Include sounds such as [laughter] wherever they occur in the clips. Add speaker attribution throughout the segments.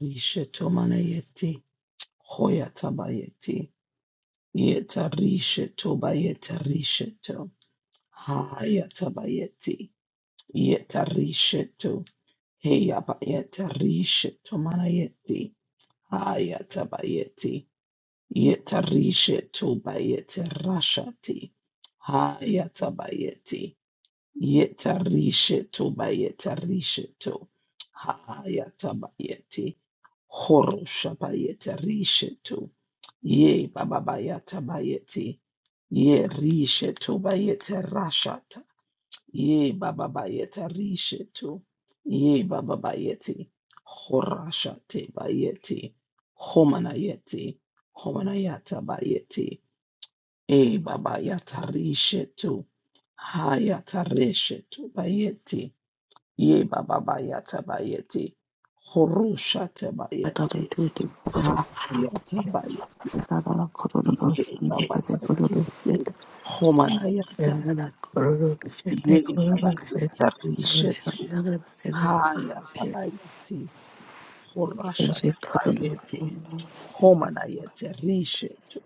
Speaker 1: Rishe tomanayeti, hoya tabayeti, yeta rishe tobayeta rishe to, haya tabayeti, yeta rishe to, heya bayeta rishe tomanayeti, haya tabayeti, yeta rishe tobayeta rashati, haya tabayeti, yeta rishe tobayeta rishe to, haya tabayeti, horosha bayeta to, Ye bababayata bayeti. Ye rishe to bayete rashata. Ye bababayeta rishe to. Ye bababayeti. Horashate bayeti. Homanayeti. Homanayata bayeti. E babayata rishe to. Hayata reshe to bayeti. Ye bababayata bayeti. Horushate
Speaker 2: Yere
Speaker 1: bayeti.
Speaker 2: de
Speaker 1: Hayata bayeti.
Speaker 2: kororo şunda da da
Speaker 1: Ye
Speaker 2: kororo
Speaker 1: babayeti. Homanayata Yenabayeta Rishetu Hayatabayeti Horasha Tabayeti Homanayete Rishetu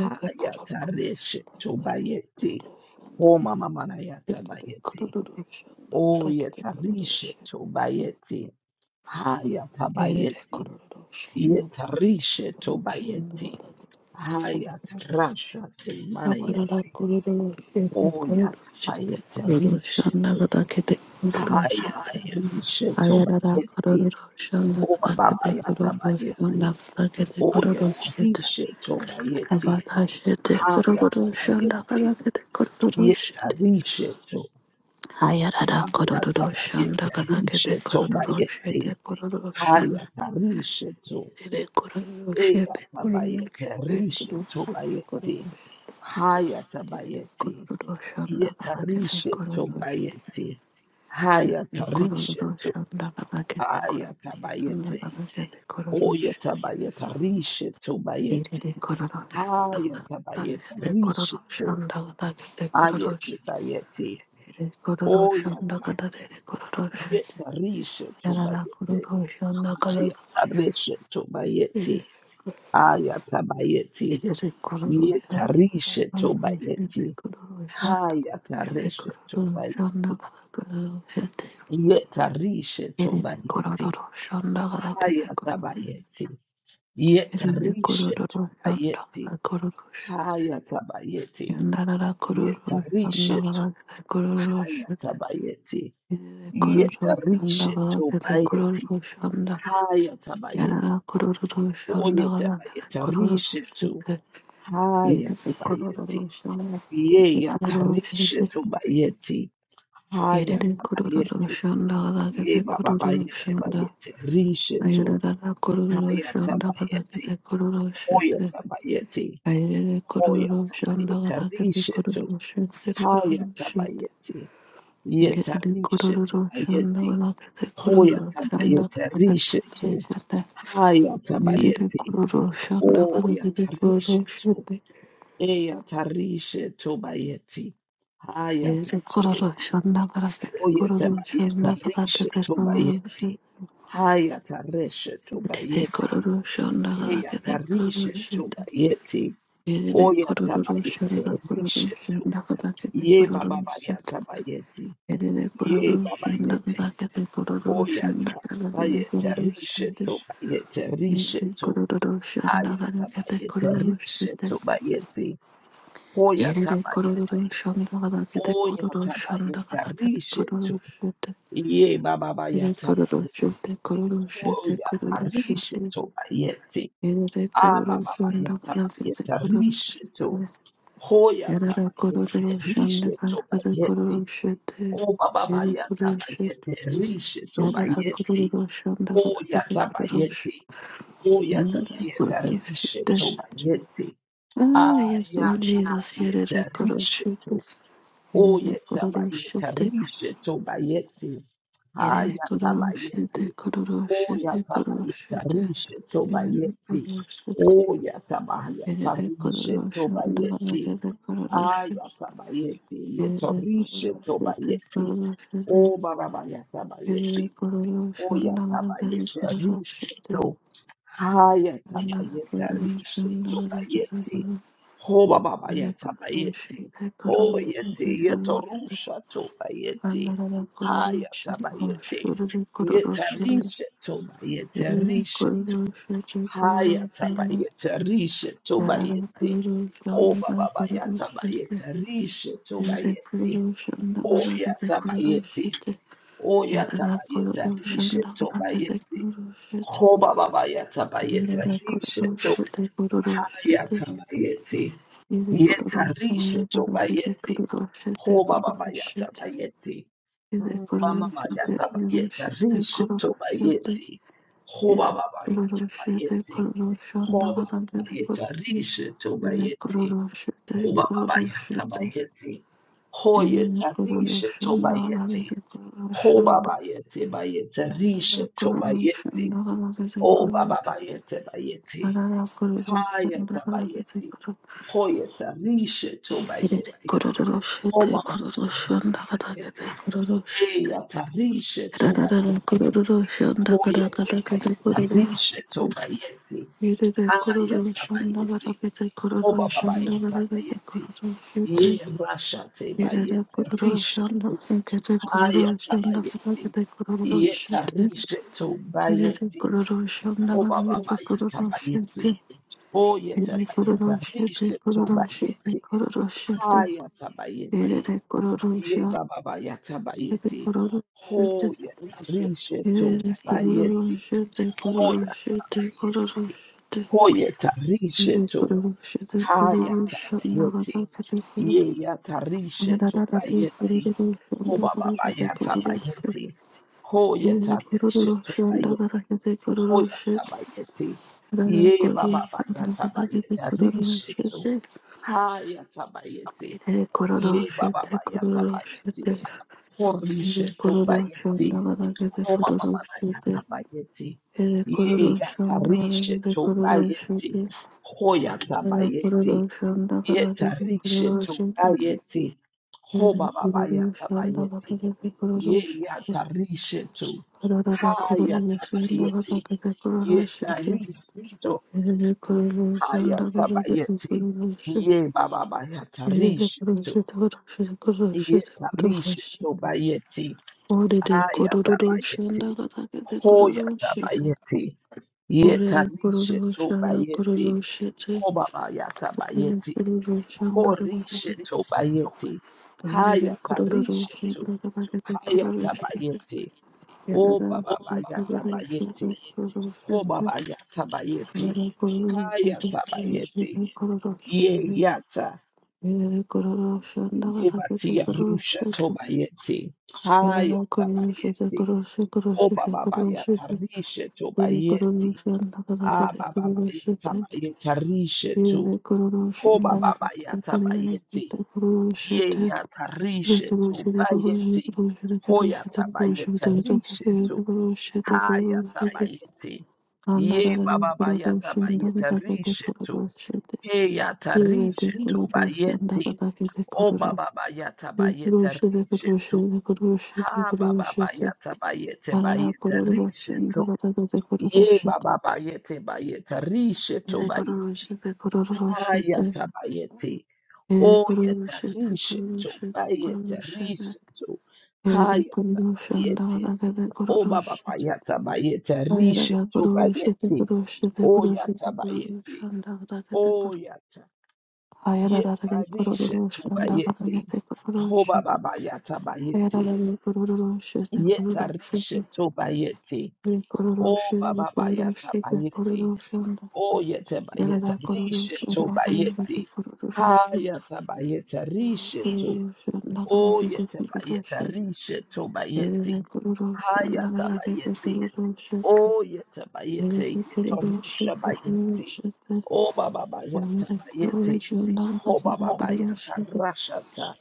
Speaker 1: Hayata Rishetu Bayeti Homa Mamanayata Bayeti Oyeta Rishetu Bayeti Hayata Bayeti Yeta Rishetu
Speaker 2: şunda
Speaker 1: Bayeti
Speaker 2: da da da da
Speaker 1: Hayata Rasha Te
Speaker 2: Aparada
Speaker 1: Manayeti
Speaker 2: kururu şete kururu
Speaker 1: Oyata
Speaker 2: şete
Speaker 1: Bayeti
Speaker 2: kururu şanda
Speaker 1: Rishetu
Speaker 2: kada kete kururu
Speaker 1: Haya
Speaker 2: şete
Speaker 1: tarishe
Speaker 2: ayarara kururu
Speaker 1: tobayeti.
Speaker 2: şanda
Speaker 1: O
Speaker 2: kada
Speaker 1: baba
Speaker 2: kete
Speaker 1: baya
Speaker 2: kururu
Speaker 1: tabayeti.
Speaker 2: şanda kada kete
Speaker 1: O
Speaker 2: kururu şete
Speaker 1: yetarishe tobayeti.
Speaker 2: abada şete
Speaker 1: Haya
Speaker 2: kururu şanda kada
Speaker 1: tabayeti.
Speaker 2: kete kururu şete
Speaker 1: Yetarishe to.
Speaker 2: ayarara
Speaker 1: Haya
Speaker 2: kururu
Speaker 1: tabayeti.
Speaker 2: şanda kada kete
Speaker 1: Rishe
Speaker 2: kururu şete
Speaker 1: tobayeti.
Speaker 2: kururu şanda
Speaker 1: Haya tarishe to.
Speaker 2: kete kururu
Speaker 1: Eya
Speaker 2: şete kururu şete kururu şete
Speaker 1: tabayeti. Rishe
Speaker 2: kururu şete kururu şanda kada
Speaker 1: tobayeti. Haya tabayeti.
Speaker 2: kete
Speaker 1: Yetarishe
Speaker 2: kururu şete
Speaker 1: tobayeti.
Speaker 2: Shanda
Speaker 1: Haya tarishe to. Haya tabayeti. Oyeta bayeta rishetu bayeti. Ayeta bayeta rishetu. Ayete bayeti. Oyeta yeta rishetu bayeti. Ayeta rishetu bayeti. Ayeta bayeti. Yeta rishetu bayeti. Hayata rishetu bayeti. Yeta rishetu bayeti. Hayata bayeti. Yeta
Speaker 2: Yerinde kororo
Speaker 1: rishetu
Speaker 2: şandala
Speaker 1: bayeti.
Speaker 2: kororo şete.
Speaker 1: Hayata bayeti.
Speaker 2: Yandala kororo
Speaker 1: Yetarishe
Speaker 2: şandala
Speaker 1: tu
Speaker 2: kete kororo
Speaker 1: haya
Speaker 2: şete.
Speaker 1: tabayeti.
Speaker 2: Yerinde kororo
Speaker 1: Yetarishe
Speaker 2: şandala
Speaker 1: tu
Speaker 2: kete
Speaker 1: bayeti.
Speaker 2: kororo şanda.
Speaker 1: Haya tabayeti.
Speaker 2: Yanala kororo şandala kete kororo
Speaker 1: Oyetabayetarishe tu
Speaker 2: şete.
Speaker 1: haya
Speaker 2: Yerinde
Speaker 1: tabayeti.
Speaker 2: kororo şandala
Speaker 1: Ye
Speaker 2: kete kororo
Speaker 1: yatarishe
Speaker 2: şete.
Speaker 1: tu bayeti. Haya
Speaker 2: Yerinde kororo
Speaker 1: tabayeti.
Speaker 2: şandala
Speaker 1: Ye
Speaker 2: kete
Speaker 1: baba
Speaker 2: kororo
Speaker 1: bayete
Speaker 2: şanda.
Speaker 1: bayete. Rishe tu
Speaker 2: Ayarara kororo
Speaker 1: haya
Speaker 2: şandala
Speaker 1: tabayeti.
Speaker 2: kete kororo
Speaker 1: Hoya
Speaker 2: şete.
Speaker 1: tabayeti.
Speaker 2: Ayerere
Speaker 1: Hoya
Speaker 2: kororo shonda galakete
Speaker 1: tabayetarishe tu
Speaker 2: kororo shete
Speaker 1: haya
Speaker 2: kororo shete.
Speaker 1: tabayeti.
Speaker 2: Gerere
Speaker 1: Yetarishe
Speaker 2: kororo shonda
Speaker 1: tabayeti.
Speaker 2: galakete kororo
Speaker 1: Hoya
Speaker 2: shonda
Speaker 1: tabayeta rishe
Speaker 2: galakete
Speaker 1: tu.
Speaker 2: shete.
Speaker 1: Haya
Speaker 2: Gerere
Speaker 1: tabayeti.
Speaker 2: kororo shonda
Speaker 1: Oya
Speaker 2: galakete kororo
Speaker 1: tarishe tu.
Speaker 2: shete.
Speaker 1: Eya tarishe tu bayeti. Haya
Speaker 2: Gerere kororo
Speaker 1: tabayeti.
Speaker 2: shonda galakete
Speaker 1: Oya
Speaker 2: kororo
Speaker 1: tabayeta
Speaker 2: shonda
Speaker 1: rishe
Speaker 2: galakete
Speaker 1: tu
Speaker 2: kororo shete.
Speaker 1: bayeti. Haya tarishe tu
Speaker 2: Gerere
Speaker 1: bayeti.
Speaker 2: kororo shonda
Speaker 1: Eya
Speaker 2: galakete kororo
Speaker 1: tarishe tu
Speaker 2: shete.
Speaker 1: bayeti.
Speaker 2: Gerere
Speaker 1: Oya
Speaker 2: kororo
Speaker 1: tabayete
Speaker 2: shonda kororo
Speaker 1: rishe tu.
Speaker 2: shonda galakete
Speaker 1: Ye
Speaker 2: kororo
Speaker 1: baba
Speaker 2: shete.
Speaker 1: bayata bayeti.
Speaker 2: Erere kororo
Speaker 1: Ye
Speaker 2: shanda
Speaker 1: babayeti.
Speaker 2: kakete kororo shanda
Speaker 1: Oyata,
Speaker 2: kakete
Speaker 1: Ayeta
Speaker 2: kororo shanda.
Speaker 1: Rishetu, Ayeta
Speaker 2: Erere
Speaker 1: Rishetu,
Speaker 2: kororo shanda
Speaker 1: Hayata
Speaker 2: kakete
Speaker 1: Bayeta
Speaker 2: kororo shanda.
Speaker 1: Rishetu Bayeti, Hoyata
Speaker 2: Erere kororo
Speaker 1: Bayeti,
Speaker 2: shanda kakete kororo
Speaker 1: Oyata
Speaker 2: shanda
Speaker 1: Bayeta
Speaker 2: kakete kororo
Speaker 1: Rishetu,
Speaker 2: shanda.
Speaker 1: Ye Baba
Speaker 2: Erere
Speaker 1: Bayata
Speaker 2: kororo shanda
Speaker 1: Bayeti,
Speaker 2: kororo shanda kororo
Speaker 1: Hoyata
Speaker 2: shanda.
Speaker 1: Rishetu Bayeti,
Speaker 2: Erere kororo
Speaker 1: Ababa
Speaker 2: shanda
Speaker 1: Bayata
Speaker 2: kakete
Speaker 1: Bayeta
Speaker 2: kororo
Speaker 1: Rishetu,
Speaker 2: shanda.
Speaker 1: Hoyata
Speaker 2: Erere kororo
Speaker 1: Bayeta
Speaker 2: shanda
Speaker 1: Rishetu
Speaker 2: kakete kororo
Speaker 1: Bayeti, O Baba Bayata
Speaker 2: shanda.
Speaker 1: Bayeta Rishetu
Speaker 2: Yarara
Speaker 1: Bayeti,
Speaker 2: kururu shanda kadakete
Speaker 1: Oyata
Speaker 2: kururush.
Speaker 1: Bayeti,
Speaker 2: Yarara
Speaker 1: Oyatabayeta
Speaker 2: kururu
Speaker 1: rishe
Speaker 2: shanda.
Speaker 1: tobayete.
Speaker 2: Ah, yes, Lord Jesus.
Speaker 1: Ayatabayeta
Speaker 2: Yarara kururu
Speaker 1: rishe
Speaker 2: shanda.
Speaker 1: to.
Speaker 2: Yarara kururu
Speaker 1: Oyatabayeta
Speaker 2: shanda.
Speaker 1: rishe tobayete.
Speaker 2: Yarara kururu shanda.
Speaker 1: Ayatabayete.
Speaker 2: Kururu shanda. Kururu
Speaker 1: Oyatabayeta
Speaker 2: shanda.
Speaker 1: rishe
Speaker 2: Yarara
Speaker 1: tobayete.
Speaker 2: kururu shanda.
Speaker 1: Oyatabayeta
Speaker 2: Yarara
Speaker 1: rishe
Speaker 2: kururu shanda
Speaker 1: tobayete.
Speaker 2: kadakete kururu shanda.
Speaker 1: Ayatabayete. Yeta
Speaker 2: Yarara
Speaker 1: rishe
Speaker 2: kururu shanda. Kururu shanda. Yarara kururu shanda kadakete kururu shanda. Yarara
Speaker 1: tobayete.
Speaker 2: kururu
Speaker 1: O
Speaker 2: shanda kadakete kururu
Speaker 1: barabayata bayeti. Oyatabayete riseto. Hayatabayete riseto bayete.
Speaker 2: shanda. Yere
Speaker 1: Hobabayata bayete. Hoyete yeto rusha to bayete. Hayatabayete. Yeta riseto bayete riseto. Hayatabayete riseto bayete. Obababa yatabayete riseto bayete. Oyatabayete. Oyata bayeta rishe to bayeti. Hoba baba yata bayeta rishe to hayata bayeti. Yeta rishe to bayeti. Hoba baba yata bayeti.
Speaker 2: Shede kororo
Speaker 1: Mama
Speaker 2: shede
Speaker 1: yata
Speaker 2: kororo
Speaker 1: bayeta
Speaker 2: shede
Speaker 1: rishe
Speaker 2: kororo
Speaker 1: to
Speaker 2: shede
Speaker 1: bayeti. Hoba baba
Speaker 2: kororo
Speaker 1: yata
Speaker 2: shede
Speaker 1: bayeti.
Speaker 2: kororo shonda
Speaker 1: Hoba
Speaker 2: gada
Speaker 1: baba
Speaker 2: dede kororo
Speaker 1: yata rishe to
Speaker 2: shede
Speaker 1: bayeti.
Speaker 2: kororo shede
Speaker 1: Hoba baba
Speaker 2: kororo
Speaker 1: yata
Speaker 2: shede
Speaker 1: bayeti.
Speaker 2: shede
Speaker 1: Hoyeta
Speaker 2: kororo
Speaker 1: rishe to
Speaker 2: shonda gada
Speaker 1: bayeti.
Speaker 2: dede kororo
Speaker 1: Ho baba
Speaker 2: shonda
Speaker 1: yete bayete
Speaker 2: gada
Speaker 1: rishe to
Speaker 2: kororo
Speaker 1: bayete.
Speaker 2: shonda gada dede
Speaker 1: O
Speaker 2: kororo
Speaker 1: baba bayete bayete.
Speaker 2: gada kororo shonda
Speaker 1: Hayata
Speaker 2: gada dede
Speaker 1: bayete.
Speaker 2: kororo
Speaker 1: Hoyeta rishe to
Speaker 2: dede
Speaker 1: bayete.
Speaker 2: kororo
Speaker 1: Ho
Speaker 2: shede
Speaker 1: mama
Speaker 2: kororo
Speaker 1: mana yata
Speaker 2: shonda gada dede
Speaker 1: bayete.
Speaker 2: kororo shede
Speaker 1: Heyata rishe to
Speaker 2: gada
Speaker 1: bayete.
Speaker 2: kororo shonda gada
Speaker 1: Hoyete bayete
Speaker 2: dede
Speaker 1: rishe
Speaker 2: kororo
Speaker 1: to bayete.
Speaker 2: Yerere kororo
Speaker 1: Hayata
Speaker 2: şanda
Speaker 1: bayete.
Speaker 2: barabete
Speaker 1: Ho
Speaker 2: kororo
Speaker 1: baba
Speaker 2: şanda
Speaker 1: bayete
Speaker 2: barabete
Speaker 1: bayete.
Speaker 2: kororo şete.
Speaker 1: Ye rasha te
Speaker 2: Yerere
Speaker 1: bayete
Speaker 2: kororo şanda
Speaker 1: rishe
Speaker 2: sekete
Speaker 1: Haya
Speaker 2: kororo şanda
Speaker 1: tabayeti.
Speaker 2: barabete kororo
Speaker 1: Yeta
Speaker 2: şete.
Speaker 1: risheto
Speaker 2: Yerere
Speaker 1: bayeti.
Speaker 2: kororo şanda
Speaker 1: Hoba
Speaker 2: barabete
Speaker 1: baba yata
Speaker 2: kororo
Speaker 1: bayeti.
Speaker 2: şete.
Speaker 1: O yeta
Speaker 2: Yerere kororo
Speaker 1: bayeta
Speaker 2: şete
Speaker 1: risheto
Speaker 2: kororo şete
Speaker 1: bayeti.
Speaker 2: kororo şete.
Speaker 1: Haya tabayeti.
Speaker 2: Yerere kororo
Speaker 1: Ye
Speaker 2: şanda
Speaker 1: baba baba
Speaker 2: barabete
Speaker 1: bayeti.
Speaker 2: kororo
Speaker 1: Ho
Speaker 2: şete.
Speaker 1: yeta risheto
Speaker 2: Yerere
Speaker 1: bayeti.
Speaker 2: kororo şete
Speaker 1: Ho
Speaker 2: kororo
Speaker 1: yata
Speaker 2: şete kororo
Speaker 1: bayeti.
Speaker 2: şete.
Speaker 1: Ho yeta risheto.
Speaker 2: Kororo shanda kada
Speaker 1: Haya tabayeti. Ye yata risheto bayeti. Oba baba yata bayeti. Ho yata dishe to bayeti. Ho yata bayeti. Ye baba yata bayeti. Adishe to. Ha yata bayeti. Ye baba yata bayeti. Horishe to bayeti. Oma mama na yata bayeti. Ye
Speaker 2: kete
Speaker 1: yata rishe to
Speaker 2: kororo
Speaker 1: bayeti. Ho yata bayeti. Yeta rishe to
Speaker 2: shete
Speaker 1: bayeti.
Speaker 2: Thank
Speaker 1: Ho baba
Speaker 2: you.
Speaker 1: yata bayeti. Ye yatarishetu. Hayatabayeti. Yetaristo. Hayatabayeti. Ye baba bayatarishetu. Yetarishetu bayeti. Hayatabayeti. Hoyatabayeti. Yetarishetu bayeti. Hobaba yatabayeti. Horishetu bayeti. Hayatarishetu. Hayatabayeti.
Speaker 2: Thank you.
Speaker 1: Oh Baba Bayata Bayeti. Oh Baba Yata Bayeti. Hayata Bayeti. Ye Yata. Yebati Yarusha Tobayeti. Hayata Bayeti. Oh Baba Bayata Risha Tobayeti. Ah Baba Bayata Bayeta Risha to. Oh Baba Bayata Bayeti. Ye Yata Risha Tobayeti. Hoyata Bayeta Risha Hayatabayeti.
Speaker 2: Kururu
Speaker 1: Ye
Speaker 2: shete
Speaker 1: baba
Speaker 2: kururu
Speaker 1: bayata
Speaker 2: shete
Speaker 1: bayeta rishetu.
Speaker 2: kururu shete
Speaker 1: Heyata rishetu
Speaker 2: kururu shanda
Speaker 1: bayeti. O baba bayata bayeta rishetu. Ha baba bayata bayete bayeta rishetu. Ye baba bayete bayeta rishetu bayeti. Hayata bayeti. O yeta rishetu bayeta rishetu. Hayata O baba yata bayete rishe to bayete. O yata bayete.
Speaker 2: kada
Speaker 1: O
Speaker 2: kete
Speaker 1: yata yeta
Speaker 2: Hayararare
Speaker 1: rishe to
Speaker 2: kururuşu
Speaker 1: bayete.
Speaker 2: ndagaragete
Speaker 1: O
Speaker 2: kururuşu
Speaker 1: baba yata bayete.
Speaker 2: Hayararare kururuşu de
Speaker 1: Yeta
Speaker 2: kururuşu de
Speaker 1: rishe to bayete. O
Speaker 2: kururuşu de
Speaker 1: baba yata
Speaker 2: kururuşu de
Speaker 1: bayete.
Speaker 2: kururuşu nda
Speaker 1: O yete bayete
Speaker 2: Yarara
Speaker 1: rishe
Speaker 2: kururuşu
Speaker 1: to
Speaker 2: ndagaragete
Speaker 1: bayete.
Speaker 2: kururuşu
Speaker 1: Ha
Speaker 2: de
Speaker 1: yata bayete rishe to.
Speaker 2: kururuşu
Speaker 1: O
Speaker 2: ndagaragete
Speaker 1: yete bayete
Speaker 2: kururuşu
Speaker 1: rishe to bayete.
Speaker 2: Yarara
Speaker 1: Ha
Speaker 2: kururuşu
Speaker 1: yata
Speaker 2: ndagaragete
Speaker 1: bayete.
Speaker 2: kururuşu
Speaker 1: Oh, yeta
Speaker 2: Yarara
Speaker 1: bayete, yeta
Speaker 2: kururuşu de kururuşu
Speaker 1: rusha
Speaker 2: de Yarara
Speaker 1: bayete.
Speaker 2: kururuşu
Speaker 1: Oh, baba bayata bayete. Oh, baba
Speaker 2: ndagaragete
Speaker 1: bayata
Speaker 2: kururuşu
Speaker 1: rashata.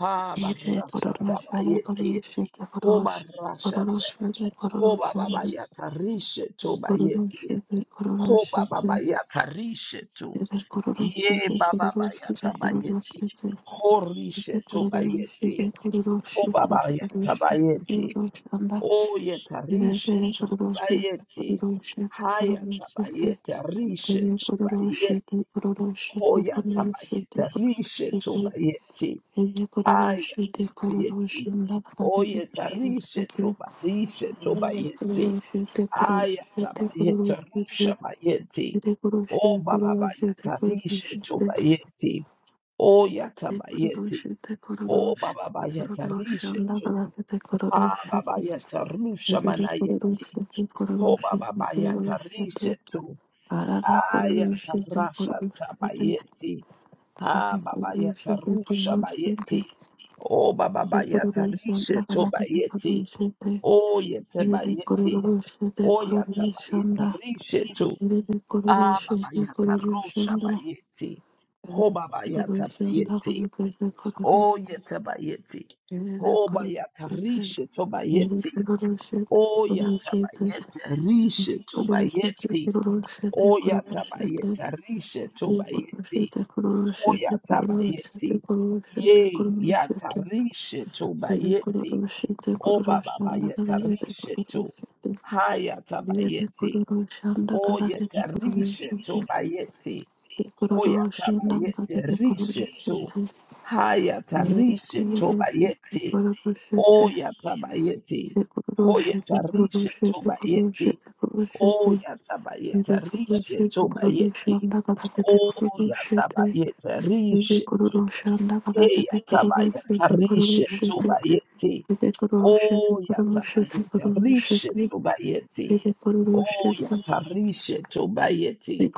Speaker 1: Ha,
Speaker 2: Ere kororo
Speaker 1: barashata
Speaker 2: shara korere
Speaker 1: bayete.
Speaker 2: shite
Speaker 1: Oh,
Speaker 2: kororo shite kororo
Speaker 1: barashata.
Speaker 2: shite kororo
Speaker 1: Oh, baba
Speaker 2: shite
Speaker 1: bayata risheto
Speaker 2: kororo
Speaker 1: bayete.
Speaker 2: shite kororo
Speaker 1: Oh, baba
Speaker 2: shite
Speaker 1: bayata risheto.
Speaker 2: ere kororo
Speaker 1: Ye,
Speaker 2: shite
Speaker 1: baba
Speaker 2: kororo shite
Speaker 1: bayata
Speaker 2: kororo
Speaker 1: bayete.
Speaker 2: shite
Speaker 1: Oh,
Speaker 2: ere
Speaker 1: risheto
Speaker 2: kororo shite
Speaker 1: bayete.
Speaker 2: kororo shite kororo
Speaker 1: Oh,
Speaker 2: shite
Speaker 1: baba
Speaker 2: kororo
Speaker 1: yata bayete.
Speaker 2: shamba
Speaker 1: Oyeta
Speaker 2: ere ere
Speaker 1: rishetu
Speaker 2: kororo shite
Speaker 1: bayeti.
Speaker 2: kororo shite kororo
Speaker 1: Hayata
Speaker 2: shite
Speaker 1: bayeta
Speaker 2: ere
Speaker 1: rishetu
Speaker 2: kororo shite
Speaker 1: bayeti.
Speaker 2: kororo shite kororo shite
Speaker 1: Hoyata
Speaker 2: kororo shite ere kororo shite kororo
Speaker 1: bayeta
Speaker 2: shamba kororo
Speaker 1: rishetu bayeti. Ayata bayeti. Oyeta
Speaker 2: shite
Speaker 1: rishetu bayishetu
Speaker 2: Thank
Speaker 1: bayeti.
Speaker 2: you.
Speaker 1: Ayata bayeta rusha bayeti. O baba bayeta rishetu bayeti. Oyata bayeti. O baba bayeta rishetu. Ha baba yeta rusha manayeti. Ho baba baya tarishe tu. Aya tarasha tabayeti. Ha baba ya tarusha bayeti. O baba baya tarishe tu bayeti. O yete bayeti. O ya tabaye tarishe tu.
Speaker 2: Rebe kororo
Speaker 1: Ah baba
Speaker 2: shete
Speaker 1: ya
Speaker 2: kororo
Speaker 1: tarusha
Speaker 2: shanda.
Speaker 1: bayeti.
Speaker 2: Rebe
Speaker 1: Ho baba ya
Speaker 2: kororo shanda
Speaker 1: tabayeti.
Speaker 2: rebe kete kororo
Speaker 1: O
Speaker 2: shete.
Speaker 1: yete bayeti.
Speaker 2: Rebe
Speaker 1: Ho
Speaker 2: kororo
Speaker 1: baya
Speaker 2: shete.
Speaker 1: tarishe tu
Speaker 2: Rebe
Speaker 1: bayeti.
Speaker 2: kororo shete
Speaker 1: O ya
Speaker 2: kororo shete.
Speaker 1: tabayeti rishe tu
Speaker 2: Kororo shete
Speaker 1: bayeti.
Speaker 2: kororo shete kororo shete.
Speaker 1: Oyatabayeta rishe
Speaker 2: Rebe kororo
Speaker 1: tobayeti.
Speaker 2: shete kororo shete kororo shete
Speaker 1: Hoyatabayeti.
Speaker 2: kororo shete
Speaker 1: Ye
Speaker 2: kororo
Speaker 1: yata
Speaker 2: shete.
Speaker 1: rishe
Speaker 2: Rebe
Speaker 1: tobayeti.
Speaker 2: kororo shete kororo shanda
Speaker 1: Obabayeta
Speaker 2: rebe kete
Speaker 1: rishe
Speaker 2: kororo
Speaker 1: to.
Speaker 2: shete. Rebe kororo
Speaker 1: Hayatabayeti.
Speaker 2: shanda rebe kete
Speaker 1: Oyeta rishe
Speaker 2: kororo shete.
Speaker 1: tobayeti.
Speaker 2: Thank you.
Speaker 1: Hoyatabayeti rishe to. Hayata rishe tobayeti. Oyatabayeti. Hoyata rishe tobayeti. Oh, yatabayeta rishe tobayeti. Oh, yatabayeta rishe
Speaker 2: Kururu
Speaker 1: to. Hey, yatabayeta rishe tobayeti.
Speaker 2: shete
Speaker 1: Oh, yatabayeta
Speaker 2: kururu
Speaker 1: rishe tobayeti. Oh, yatarishe tobayeti.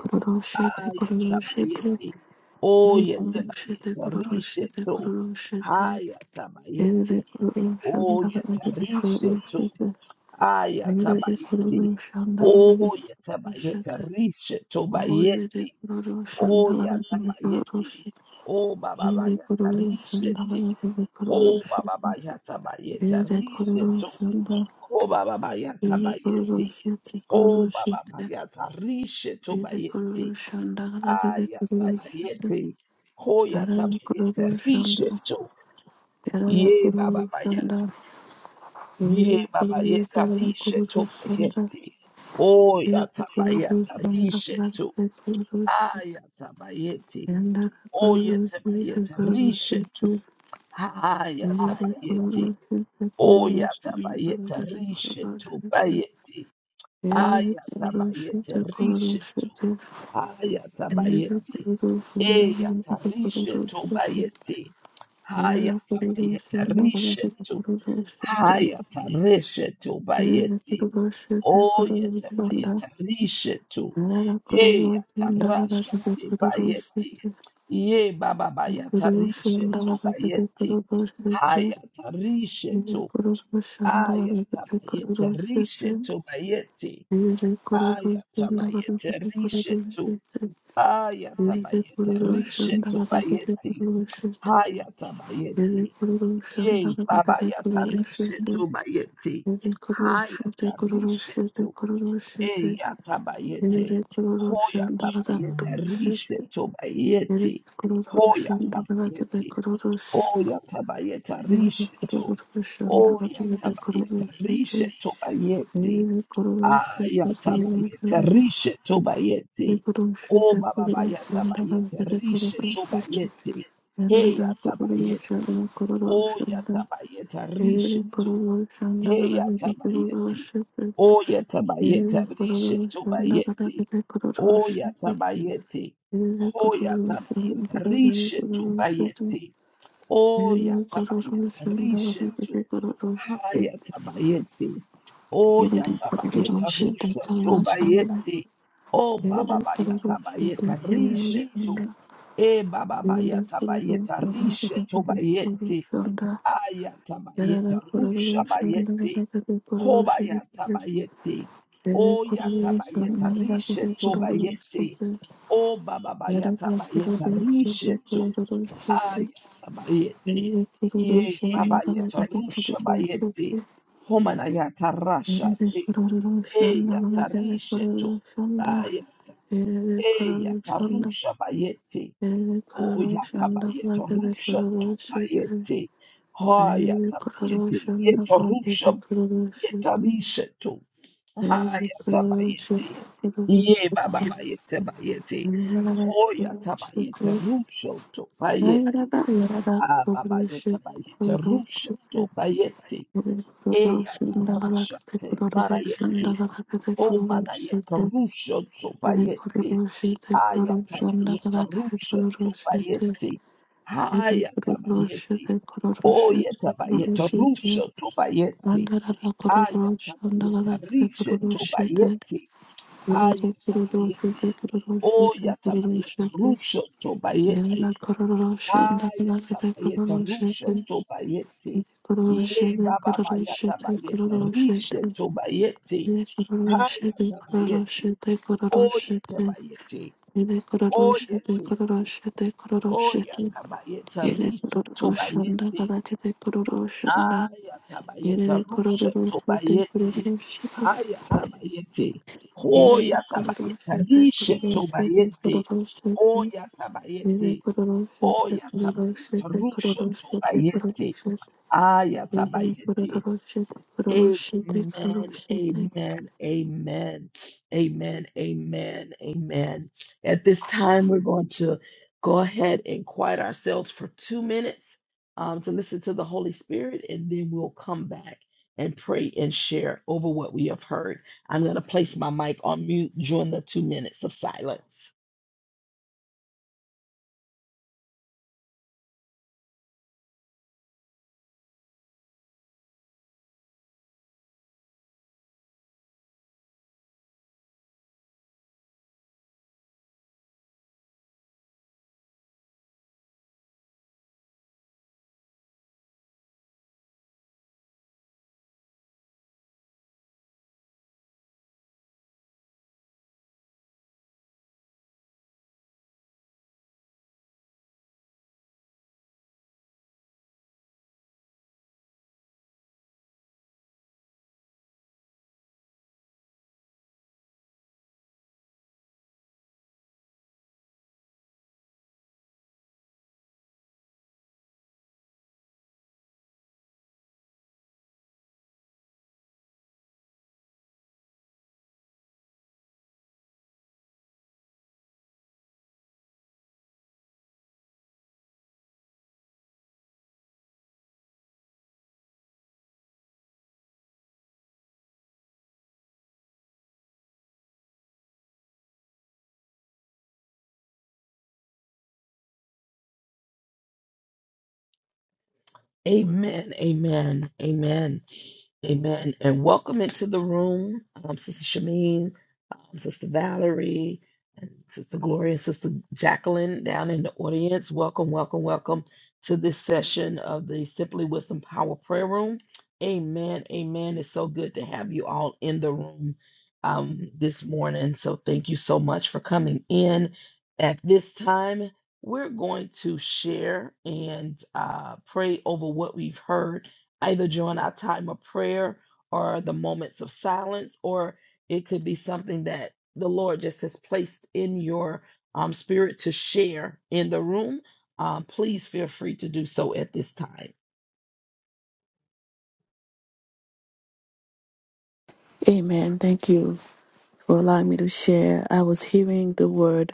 Speaker 1: Ah, yatabayeti. Oh, yatabayeta rishe
Speaker 2: shete
Speaker 1: to.
Speaker 2: kururu shete
Speaker 1: Ah
Speaker 2: In
Speaker 1: yatabayeti.
Speaker 2: In In In In the corruption of
Speaker 1: Oh, yatarishe to. Ayatabayeti. Oh, yatabayeta. Rishetobayeti. Oh, yatabayeti. Oh, bababayata. Risheti. Oh, bababayatabayeta.
Speaker 2: the
Speaker 1: to.
Speaker 2: corruption, all
Speaker 1: Oh,
Speaker 2: the corruption of
Speaker 1: bababayatabayeti.
Speaker 2: the
Speaker 1: Oh,
Speaker 2: corruption,
Speaker 1: bababayata.
Speaker 2: in the
Speaker 1: Rishetobayeti.
Speaker 2: corruption of the corruption, in the corruption of the corruption, the corruption, in the corruption
Speaker 1: Ayatabayeti. Oh,
Speaker 2: of the
Speaker 1: yatabayeta. Risheto. Ye bababayata. Ye baba ye
Speaker 2: corruption,
Speaker 1: tarishe
Speaker 2: the
Speaker 1: to
Speaker 2: Shanda,
Speaker 1: bayeti. O
Speaker 2: Thank
Speaker 1: ya tabaya tarishe to. Aya tabayeti. O ye tabaye tarishe to. Aya tabayeti. O ya tabaye tarishe to bayeti. Aya tabaye tarishe to. Aya tabayeti. E ya tarishe to bayeti. Aya tabaye tarishe to. Haya tarishe to bayeti. Oh, yetabayetarisha tu. Hey, yatarasha te bayeti. Ye baba
Speaker 2: Guru
Speaker 1: bayatarisha
Speaker 2: Shandava
Speaker 1: tu
Speaker 2: Bhagavate
Speaker 1: bayeti.
Speaker 2: Guru Doshite,
Speaker 1: Hayatarisha
Speaker 2: Vivek
Speaker 1: tu.
Speaker 2: Guru Shandava Bhagavate Guru
Speaker 1: Ayatabayetarisha
Speaker 2: Doshite,
Speaker 1: tu bayeti.
Speaker 2: Vivek Guru Shandava Bhagavate
Speaker 1: Ayatabayetarisha
Speaker 2: Guru
Speaker 1: tu.
Speaker 2: Doshite, Vivek Guru
Speaker 1: Ayatabayetarisha tu
Speaker 2: Shandava Bhagavate
Speaker 1: bayeti.
Speaker 2: Guru Doshite, Vivek
Speaker 1: Hayatabayeti.
Speaker 2: Guru
Speaker 1: Ye
Speaker 2: Shandava
Speaker 1: baba
Speaker 2: Bhagavate Guru
Speaker 1: yatarisha tu
Speaker 2: Doshite,
Speaker 1: bayeti.
Speaker 2: Vivek Guru Shite Guru
Speaker 1: Hayatarisha
Speaker 2: Doshite Guru Doshite,
Speaker 1: Eya tabayete,
Speaker 2: Vivek Guru Shandava Bhagavate Guru Doshite, Vivek Guru
Speaker 1: Eyatabayete.
Speaker 2: Shandava
Speaker 1: tabayete,
Speaker 2: Bhagavate
Speaker 1: Rishe tobayete. Hoya tabayete.
Speaker 2: Guru Bhagavate
Speaker 1: Oya tabayete,
Speaker 2: Thank you.
Speaker 1: rishe to. Oya Oyatabayeta rishe tobayete. Ayatabayeta rishe tobayete. O baba baya tabayete, rishe tobayete. Heya tabayete. Oya tabayete, rishe to. Hey, yatabayeti. Oh, yatabayeti. Rishe tobayeti. Oh, yatabayeti. Oh, yatabayeti. Rishe tobayeti. Oh, yatabayeti. Rishe to. Ha, yatabayeti. Oh,
Speaker 2: Yerere kororo
Speaker 1: yatabayeti.
Speaker 2: shete
Speaker 1: Rishe
Speaker 2: kara shanda.
Speaker 1: tobayeti. Oh,
Speaker 2: Yerere
Speaker 1: baba
Speaker 2: kororo shete
Speaker 1: yatabayeti.
Speaker 2: kororo
Speaker 1: Rishe
Speaker 2: shanda.
Speaker 1: to. Eh, baba
Speaker 2: Yerere kororo
Speaker 1: yatabayeti.
Speaker 2: shanda kete
Speaker 1: Rishe
Speaker 2: kete kororo
Speaker 1: tobayeti.
Speaker 2: shanda. Yerere
Speaker 1: Ayatabayeta
Speaker 2: kororo shanda kete
Speaker 1: Rushabayeti
Speaker 2: kete kororo shanda.
Speaker 1: Hobayatabayeti
Speaker 2: Yerere kororo
Speaker 1: Oyatabayeta
Speaker 2: shanda kete kete
Speaker 1: Rishetu
Speaker 2: kororo
Speaker 1: Bayeti
Speaker 2: shanda.
Speaker 1: O
Speaker 2: Yerere kororo
Speaker 1: Bababayatabayeta
Speaker 2: shete kororo shete. Yerere kororo shita kala kororo shanda kete kete
Speaker 1: Rishetu
Speaker 2: kororo shete.
Speaker 1: Ayatabayeti
Speaker 2: Yerere kororo
Speaker 1: Ye Babayeta
Speaker 2: shanda kete kete kororo
Speaker 1: Rushabayeti Homanayata Rashati Eyata Rishetu Ayata
Speaker 2: shanda.
Speaker 1: Rushabayeti
Speaker 2: Ele
Speaker 1: Oh,
Speaker 2: kororoshanda
Speaker 1: yatabayete
Speaker 2: kalagede
Speaker 1: rusha
Speaker 2: kororoshite.
Speaker 1: tobayete. Ha
Speaker 2: Aile
Speaker 1: yatabayete
Speaker 2: kororoshanda
Speaker 1: yete
Speaker 2: kalagede
Speaker 1: rusha
Speaker 2: kororoshite.
Speaker 1: yetarisha to.
Speaker 2: Ele
Speaker 1: Ha
Speaker 2: kororoshite
Speaker 1: yatabayete. Ye
Speaker 2: kororoshite.
Speaker 1: baba bayete bayete.
Speaker 2: Aile
Speaker 1: Ho yatabayete
Speaker 2: kororoshite.
Speaker 1: rusha
Speaker 2: Aile
Speaker 1: tobayete.
Speaker 2: da aile da
Speaker 1: Ah baba yete
Speaker 2: kororoshite
Speaker 1: bayete rusha
Speaker 2: kororoshite.
Speaker 1: tobayete.
Speaker 2: Ele
Speaker 1: E
Speaker 2: kororoshanda
Speaker 1: yatarasha
Speaker 2: kalagede
Speaker 1: te
Speaker 2: kororoshanda
Speaker 1: marayete.
Speaker 2: kalagede kororoshite. Ele kororoshite kororoshanda kalagede kororoshite.
Speaker 1: O manayete rusha
Speaker 2: Ele
Speaker 1: tobayete.
Speaker 2: kororoshite kororoshite
Speaker 1: Ayatabayetarusha tobayeti. Hayatabayeti.
Speaker 2: kororoshite.
Speaker 1: Oyatabayetarusha tobayeti.
Speaker 2: Andarara kororo shandagada kere
Speaker 1: Ayatabayetarisha
Speaker 2: kororo shete.
Speaker 1: tobayeti.
Speaker 2: Yerere kororo shete
Speaker 1: Ayatabayeti.
Speaker 2: kororo shete kororo shete.
Speaker 1: Oyatabayetarusha
Speaker 2: Yerere
Speaker 1: tobayeti.
Speaker 2: kororo shandagada kere kororo
Speaker 1: Hayatabayetarusha
Speaker 2: shete.
Speaker 1: tobayeti.
Speaker 2: Kororo
Speaker 1: Ye
Speaker 2: shete
Speaker 1: baba
Speaker 2: kororo shete kororo shete.
Speaker 1: bayatabayetarisha tobayeti.
Speaker 2: Yere kororo shete kororo
Speaker 1: Hayatabayeti.
Speaker 2: shete kororo shete.
Speaker 1: Oyatabayeti.
Speaker 2: Yere kororo shete kororo shete kororo
Speaker 1: Oya
Speaker 2: shete.
Speaker 1: tabayeta
Speaker 2: Yere
Speaker 1: rishe
Speaker 2: kororo
Speaker 1: tobayete.
Speaker 2: shandagada kere kororo shanda.
Speaker 1: Aya tabayeta
Speaker 2: Yerere
Speaker 1: rushe
Speaker 2: kororo shete
Speaker 1: tobayete.
Speaker 2: kororo shete.
Speaker 1: Haya tabayete.
Speaker 2: Amen.
Speaker 1: Hoya
Speaker 2: Thank you
Speaker 1: tabayeta rishe tobayete. Oya tabayete. Oya tabayeta rushe tobayete. Aya tabayete. Amen, amen, amen, amen, amen, amen. At this time, we're going to go ahead and quiet ourselves for two minutes um, to listen to the Holy Spirit, and then we'll come back and pray and share over what we have heard. I'm going to place my mic on mute during the two minutes of silence. Amen. Amen. Amen. Amen. And welcome into the room, um, Sister Shameen, um, Sister Valerie, and Sister Gloria, Sister Jacqueline down in the audience. Welcome, welcome, welcome to this session of the Simply Wisdom Power Prayer Room. Amen. Amen. It's so good to have you all in the room um, this morning. So thank you so much for coming in at this time we're going to share and uh, pray over what we've heard, either during our time of prayer or the moments of silence, or it could be something that the Lord just has placed in your um, spirit to share in the room. Um, please feel free to do so at this time.
Speaker 2: for allowing me to share. I was hearing the word,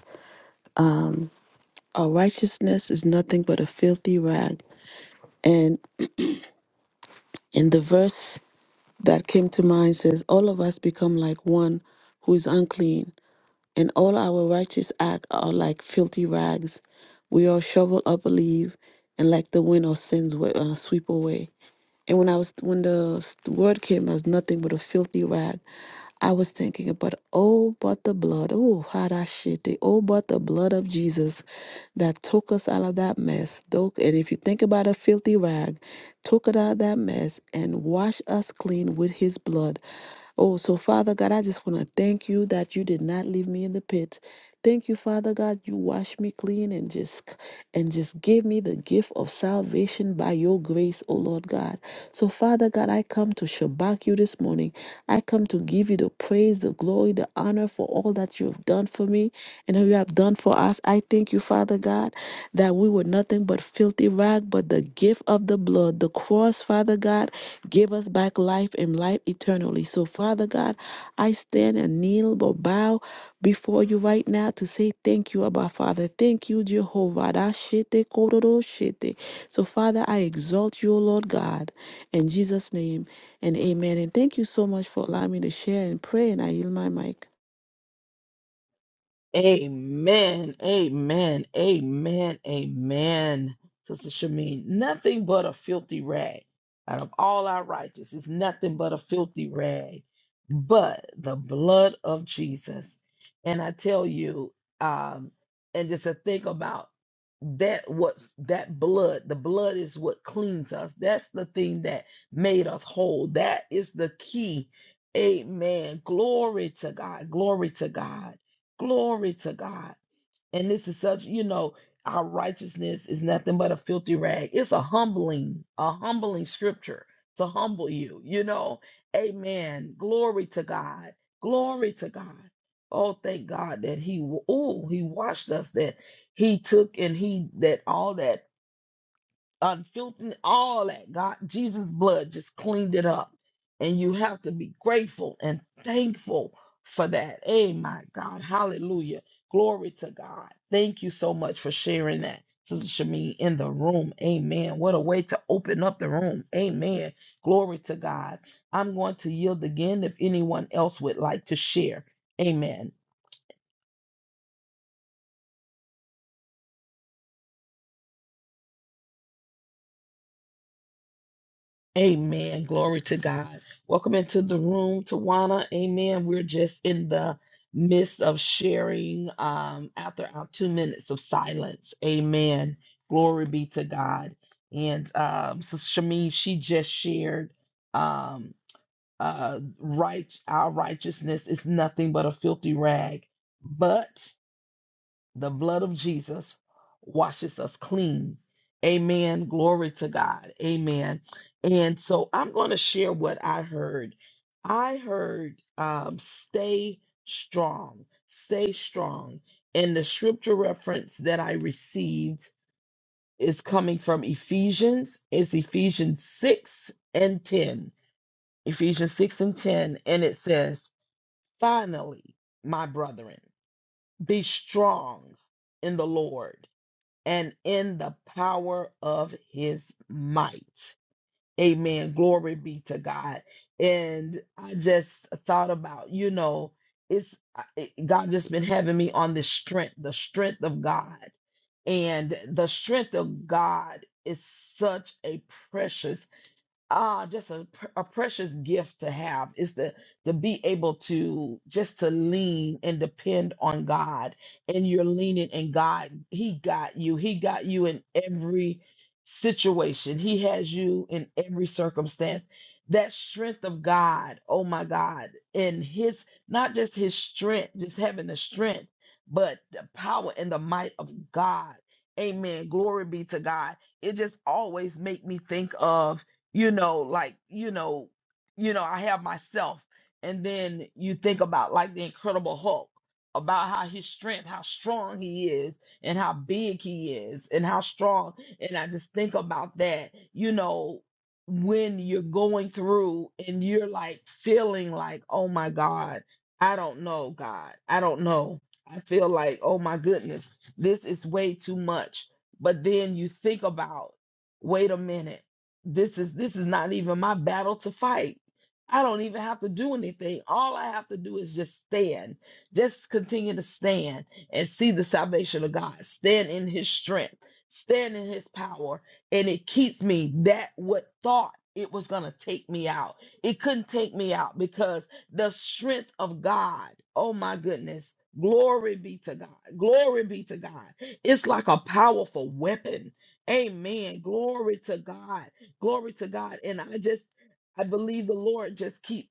Speaker 2: our righteousness is nothing but a filthy rag. And in the verse that came to mind says, All of us become like one who is unclean. and all our righteous acts are like filthy rags. We all shovel up a leaf, and like the wind, our sins wi- uh, sweep away. And when I was when the s- word came as nothing but a filthy rag, I was thinking about oh, but the blood, oh, how that shit, the- oh, but the blood of Jesus that took us out of that mess. Though, and if you think about a filthy rag, took it out of that mess and washed us clean with His blood. Oh, so Father God, I just want to thank you that you did not leave me in the pit. Thank you, Father God, you washed me clean and just and just gave me the gift of salvation by your grace, oh Lord God. So Father God, I come to shabak you this morning. I come to give you the praise, the glory, the honor for all that you have done for me. and and you have done for us. I thank you, Father God, that we were nothing but filthy rag, but the gift of the blood, the cross, Father God, give us back life and life eternally. So, Father God, I stand and kneel or bow before you right now to say thank you, Abba Father. Thank you, Jehovah. Da shete kororo shete. So, Father, I exalt you, O Lord God, in Jesus' name, and amen. And thank you so much for allowing me to share and pray, and I yield my mic.
Speaker 1: Amen. Amen. Amen. Amen. Sister Shamin, nothing but a filthy rag. Out of all our righteous, it's nothing but a filthy rag. But the blood of Jesus. And I tell you, um, and just to think about that what that blood, the blood is what cleans us. That's the thing that made us whole. That is the key. Amen. Glory to God. Glory to God. Glory to God. And this is such, you know, our righteousness is nothing but a filthy rag. It's a humbling, a humbling scripture to humble you, you know. Amen. Glory to God. Glory to God. Oh, thank God that He, oh, He washed us, that He took and He, that all that unfiltered, all that. God, Jesus' blood just cleaned it up. And you have to be grateful and thankful for that. Hey, my God. Hallelujah. Glory to God. Thank you so much for sharing that, Sister Shamin, in the room. Amen. What a way to open up the room. Amen. Glory to God. I'm going to yield again if anyone else would like to share. Amen. Amen. Glory to God. Welcome into the room, Tawana. Amen. We're just in the midst of sharing um, after our two minutes of silence. Amen. Glory be to God. And um, Sister Shamin, she just shared um, uh, right, our righteousness is nothing but a filthy rag. But the blood of Jesus washes us clean. Amen. Glory to God. Amen. And so I'm going to share what I heard. I heard um, stay strong, stay strong. And the scripture reference that I received is coming from Ephesians. It's Ephesians 6 and 10. Ephesians 6 and 10. And it says, Finally, my brethren, be strong in the Lord and in the power of his might. Amen. Glory be to God. And I just thought about, you know, it's I- it- God just been having me on this strength, the strength of God. And the strength of God is such a precious ah just a, pr- a precious gift to have is to to be able to just to lean and depend on god and you're leaning and god he got you he got you in every situation he has you in every circumstance that strength of god oh my god and his not just his strength just having the strength but the power and the might of god amen glory be to god it just always make me think of you know like you know you know i have myself and then you think about like the incredible hulk about how his strength how strong he is and how big he is and how strong and i just think about that you know when you're going through and you're like feeling like oh my god i don't know god i don't know i feel like oh my goodness this is way too much but then you think about wait a minute this is this is not even my battle to fight. I don't even have to do anything. All I have to do is just stand. Just continue to stand and see the salvation of God. Stand in his strength. Stand in his power. And it keeps me that what thought it was going to take me out. It couldn't take me out because the strength of God. Oh my goodness. Glory be to God. Glory be to God. It's like a powerful weapon. Amen. Glory to God Glory to God. And I just, I believe the Lord just keep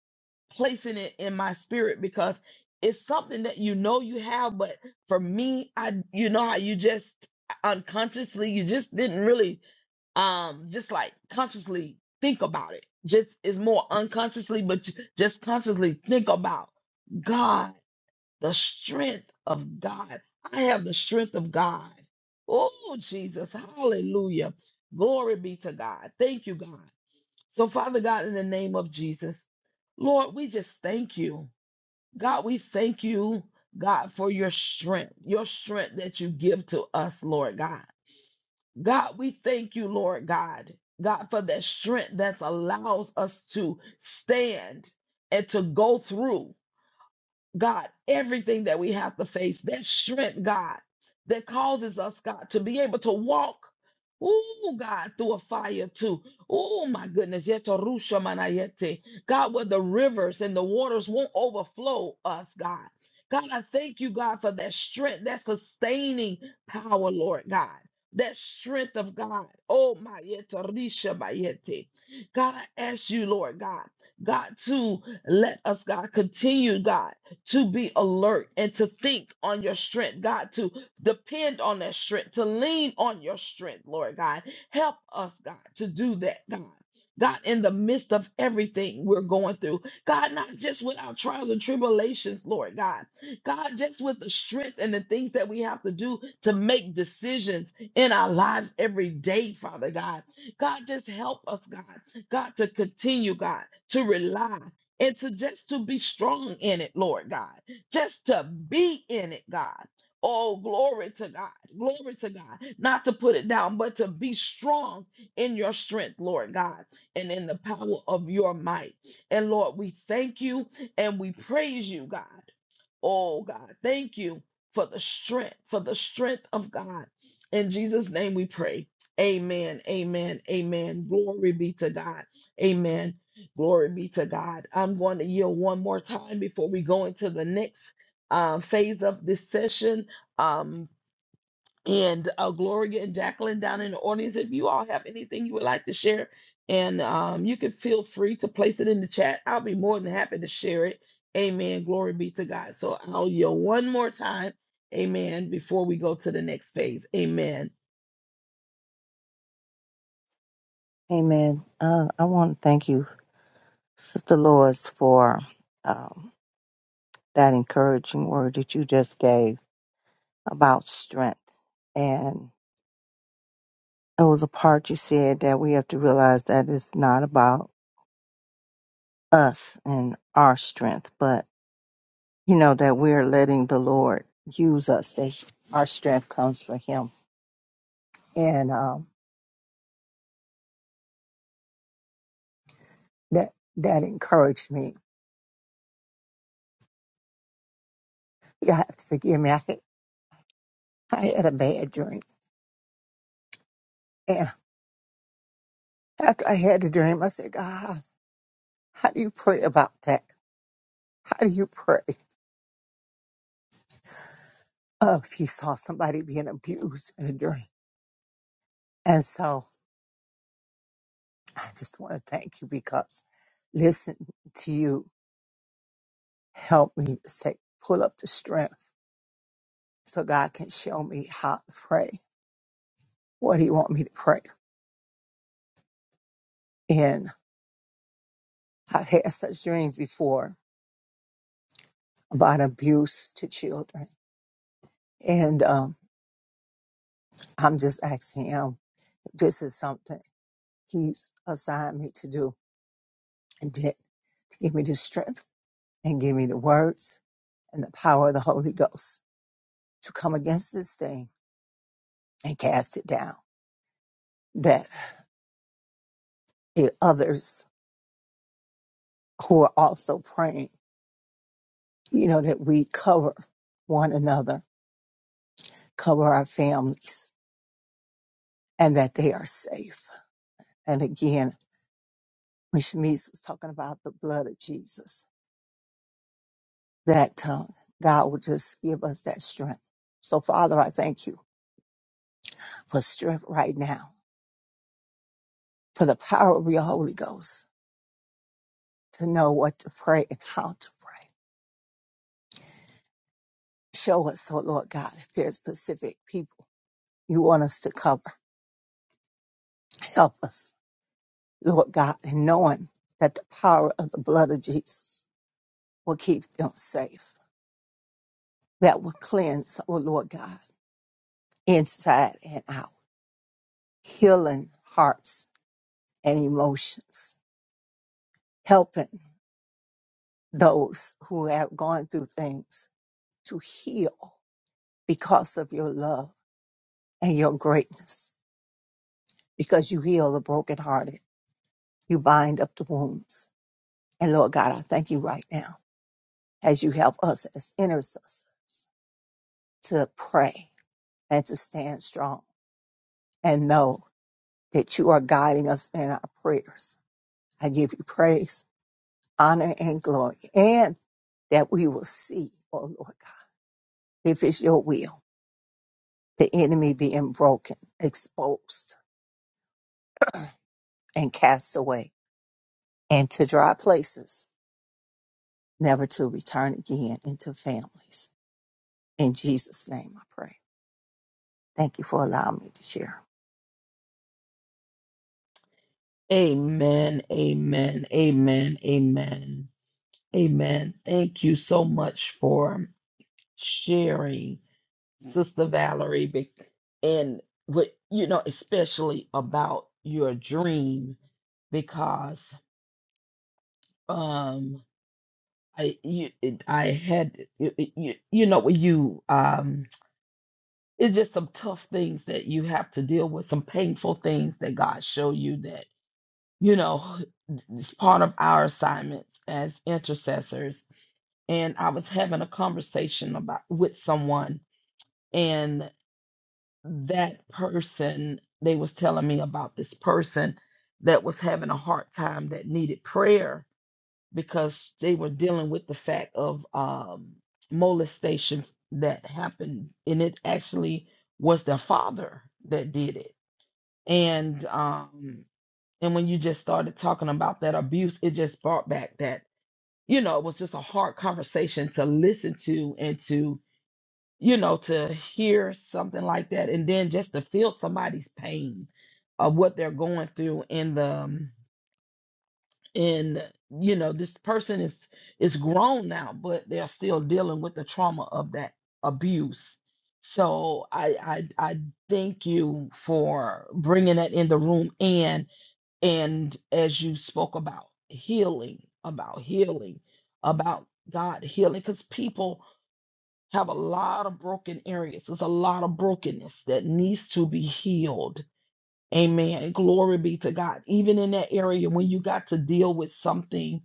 Speaker 1: placing it in my spirit because it's something that you know you have, but for me, I, you know how you just unconsciously, you just didn't really, um, just like consciously think about it. Just is more unconsciously, but ju- just consciously think about God, the strength of God. I have the strength of God. Oh, Jesus. Hallelujah. Glory be to God. Thank you, God. So, Father God, in the name of Jesus, Lord, we just thank you. God, we thank you, God, for your strength, your strength that you give to us, Lord God. God, we thank you, Lord God, God, for that strength that allows us to stand and to go through God, everything that we have to face, that strength, God, that causes us, God, to be able to walk, oh, God, through a fire too. Oh, my goodness. Yeto rusha manayete. God, where the rivers and the waters won't overflow us, God. God, I thank you, God, for that strength, that sustaining power, Lord God. That strength of God. Oh, my yeto risha bayete. God, I ask you, Lord God, God, to let us, God, continue, God to be alert and to think on your strength, God, to depend on that strength, to lean on your strength, Lord God. Help us, God, to do that, God. God, in the midst of everything we're going through, God, not just with our trials and tribulations, Lord God, God, just with the strength and the things that we have to do to make decisions in our lives every day, Father God. God, just help us, God, God, to continue, God, to rely and to just to be strong in it, Lord God, just to be in it, God. Oh, glory to God, glory to God, not to put it down, but to be strong in your strength, Lord God, and in the power of your might. And Lord, we thank you and we praise you, God. Oh God, thank you for the strength, for the strength of God. In Jesus' name we pray. Amen. Amen. Amen. Glory be to God. Amen. Glory be to God. I'm going to yield one more time before we go into the next uh, phase of this session. Um, and uh, Gloria and Jacqueline down in the audience. If you all have anything you would like to share, and um, you can feel free to place it in the chat. I'll be more than happy to share it. Amen. Glory be to God. So I'll yell one more time. Amen. Before we go to the next phase. Amen.
Speaker 3: Amen. Uh, I want to thank you, Sister Lois, for um, that encouraging word that you just gave about strength. And it was a part you said that we have to realize that it's not about us and our strength, but you know that we are letting the Lord use us. That our strength comes from Him, and um, that that encouraged me. You have to forgive me. I had, I had a bad dream, and after I had the dream, I said, God. How do you pray about that? How do you pray uh, if you saw somebody being abused in a dream? And so I just want to thank you because listening to you helped me to say, pull up the strength so God can show me how to pray. What do you want me to pray? And I've had such dreams before about abuse to children. And um, I'm just asking him, if this is something he's assigned me to do and did to give me the strength and give me the words and the power of the Holy Ghost to come against this thing and cast it down. That it, others who are also praying, you know, that we cover one another, cover our families, and that they are safe. And again, when Shanice was talking about the blood of Jesus, that uh, God will just give us that strength. So, Father, I thank you for strength right now, for the power of your Holy Ghost to know what to pray and how to pray Show us, oh Lord God, if there's Pacific people you want us to cover. Help us, Lord God, in knowing that the power of the blood of Jesus will keep them safe. That will cleanse, oh Lord God, inside and out, healing hearts and emotions, helping those who have gone through things to heal because of your love and your greatness, because you heal the brokenhearted, you bind up the wounds And Lord God, I thank you right now as you help us as intercessors to pray and to stand strong and know that you are guiding us in our prayers. I give you praise, honor, and glory, and that we will see, oh Lord God, if it's your will, the enemy being broken, exposed, and cast away, and to dry places, never to return again into families. In Jesus' name I pray. Thank you for allowing me to share.
Speaker 1: Amen. Amen. Amen. Amen. Amen. Thank you so much for sharing. Sister Valerie, be- and with you know, especially about your dream, because um, I you it, I had you, you, you know when you um, it's just some tough things that you have to deal with, some painful things that God show you that you know it's part of our assignments as intercessors. And I was having a conversation about with someone that person they was telling me about this person that was having a hard time that needed prayer because they were dealing with the fact of um, molestation that happened and it actually was their father that did it and um and when you just started talking about that abuse it just brought back that you know it was just a hard conversation to listen to and to you know, to hear something like that and then just to feel somebody's pain of what they're going through in the um, in you know, this person is is grown now, but they're still dealing with the trauma of that abuse. So I I I thank you for bringing that in the room and and as you spoke about healing, about healing, about God healing, because people have a lot of broken areas. There's a lot of brokenness that needs to be healed. Amen. Glory be to God. Even in that area when you got to deal with something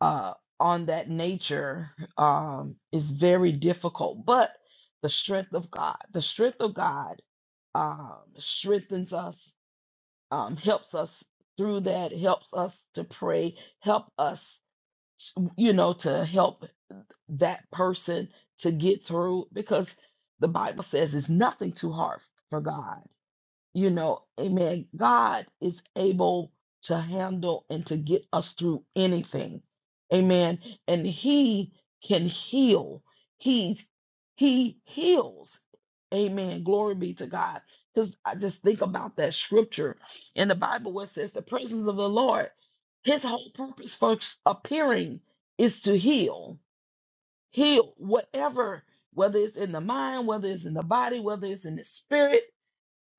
Speaker 1: uh on that nature um is very difficult. But the strength of God, the strength of God um strengthens us, um, helps us through that, helps us to pray, help us you know to help that person to get through because the Bible says it's nothing too hard for God. You know, amen. God is able to handle and to get us through anything. Amen. And he can heal. He's he heals. Amen. Glory be to God. Because I just think about that scripture in the Bible where it says the presence of the Lord, his whole purpose for appearing is to heal heal whatever, whether it's in the mind, whether it's in the body, whether it's in the spirit.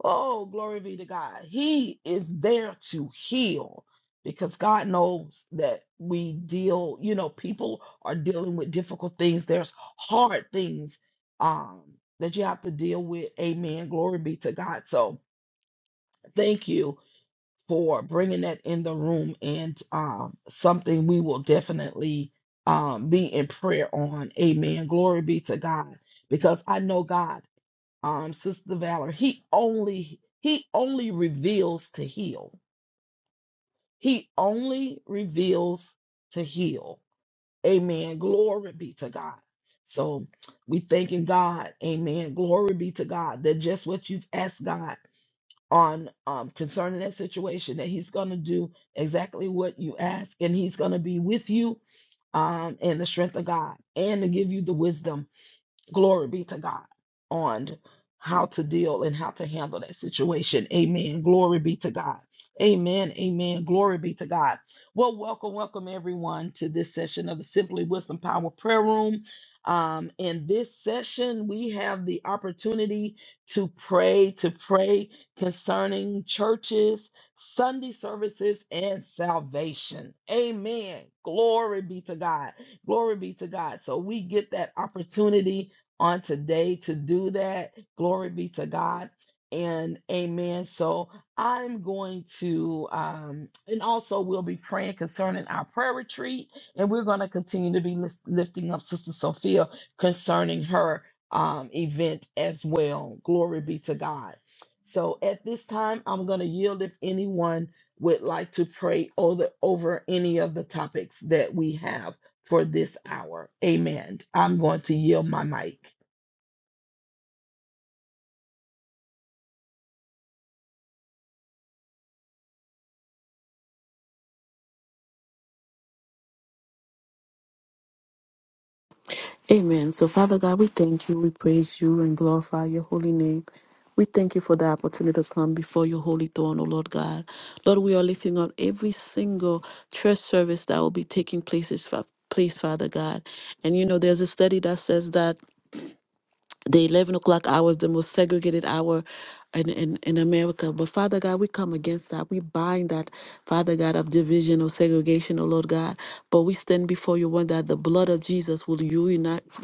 Speaker 1: Oh, glory be to God. He is there to heal because God knows that we deal, you know, people are dealing with difficult things. There's hard things um, that you have to deal with. Amen. Glory be to God. So thank you for bringing that in the room and um, something we will definitely um, be in prayer on. Amen. Glory be to God. Because I know God, um, Sister Valor, He only He only reveals to heal. He only reveals to heal. Amen. Glory be to God. So we thanking God. Amen. Glory be to God that just what you've asked God on um, concerning that situation that he's going to do exactly what you ask and he's going to be with you um, in the strength of god and to give you the wisdom glory be to God on how to deal and how to handle that situation. Amen. Glory be to God. Amen. Amen. Glory be to God. Well, welcome, welcome everyone to this session of the Simply Wisdom Power Prayer Room. Um, in this session, we have the opportunity to pray, to pray concerning churches, Sunday services, and salvation. Amen. Glory be to God. Glory be to God. So we get that opportunity on today to do that. Glory be to God. And amen. So I'm going to, um, and also we'll be praying concerning our prayer retreat, and we're going to continue to be lis- lifting up Sister Sophia concerning her um, event as well. Glory be to God. So at this time, I'm going to yield if anyone would like to pray over, over any of the topics that we have for this hour. Amen. I'm going to yield my mic.
Speaker 2: Amen. So, Father God, we thank you, we praise you, and glorify your holy name. We thank you for the opportunity to come before your holy throne, O Lord God. Lord, we are lifting up every single church service that will be taking places, fa- place, Father God. And you know, there's a study that says that the 11 o'clock hour is the most segregated hour in, in, in America. But Father God, we come against that. We bind that, Father God, of division or segregation, O Lord God. But we stand before you, one that the blood of Jesus will unite,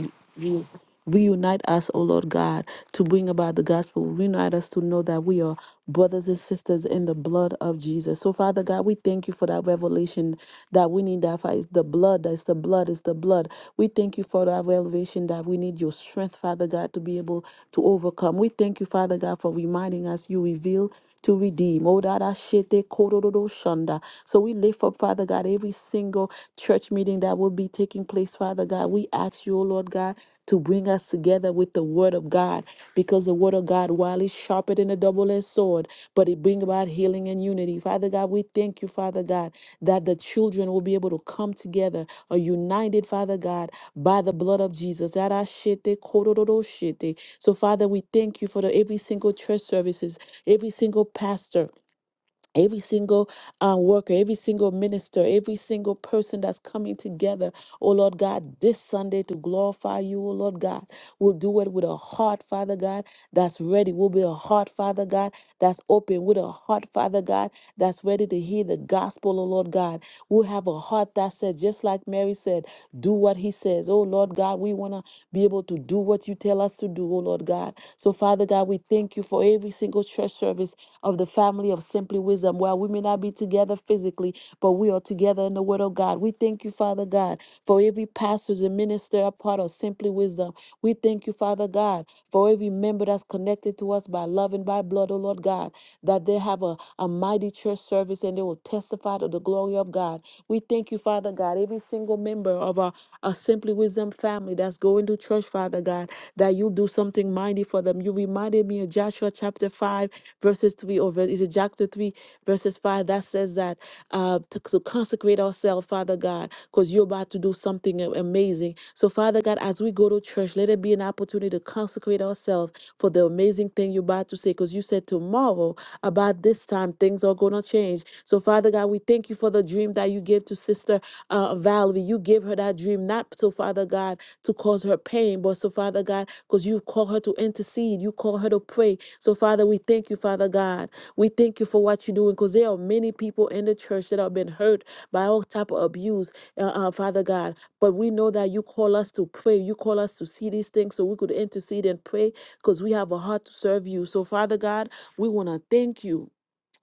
Speaker 2: Reunite us, O Lord God, to bring about the gospel. Reunite us to know that we are brothers and sisters in the blood of Jesus. So, Father God, we thank you for that revelation that we need that. fight. It's the blood, that's the blood, it's the blood. We thank you for that revelation that we need your strength, Father God, to be able to overcome. We thank you, Father God, for reminding us you reveal to redeem. Oh, da da shete kororo shanda. So we lift up, Father God, every single church meeting that will be taking place, Father God. We ask you, oh Lord God, to bring us together with the word of God because the word of God, while it's sharper than a double edged sword, but it bring about healing and unity. Father God, we thank you, Father God, that the children will be able to come together, are united, Father God, by the blood of Jesus. Arashete kororo shete. So, Father, we thank you for the, every single church services, every single pastor, every single uh, worker, every single minister, every single person that's coming together, oh Lord God, this Sunday to glorify you, oh Lord God. We'll do it with a heart, Father God, that's ready. We'll be a heart, Father God, that's open, with a heart, Father God, that's ready to hear the gospel, oh Lord God. We'll have a heart that said, just like Mary said, do what he says. Oh Lord God, we want to be able to do what you tell us to do, oh Lord God. So, Father God, we thank you for every single church service of the family of Simply. Simply Wisdom. While we may not be together physically, but we are together in the Word of God. We thank you, Father God, for every pastors and minister a part of Simply Wisdom. We thank you, Father God, for every member that's connected to us by love and by blood, oh Lord God, that they have a, a mighty church service and they will testify to the glory of God. We thank you, Father God, every single member of our, our Simply Wisdom family that's going to church, Father God, that you do something mighty for them. You reminded me of Joshua chapter 5, verses 3 or over. Ephesians chapter 3, verses 5, that says that uh, to, to consecrate ourselves, Father God, because you're about to do something a- amazing. So, Father God, as we go to church, let it be an opportunity to consecrate ourselves for the amazing thing you're about to say, because you said tomorrow, about this time, things are going to change. So, Father God, we thank you for the dream that you gave to Sister uh, Valerie. You gave her that dream, not so, Father God, to cause her pain, but so, Father God, because you call her to intercede, you call her to pray. So, Father, we thank you, Father God. We thank you for what you're doing because there are many people in the church that have been hurt by all type of abuse, uh, uh, Father God. But we know that you call us to pray. You call us to see these things so we could intercede and pray because we have a heart to serve you. So, Father God, we want to thank you.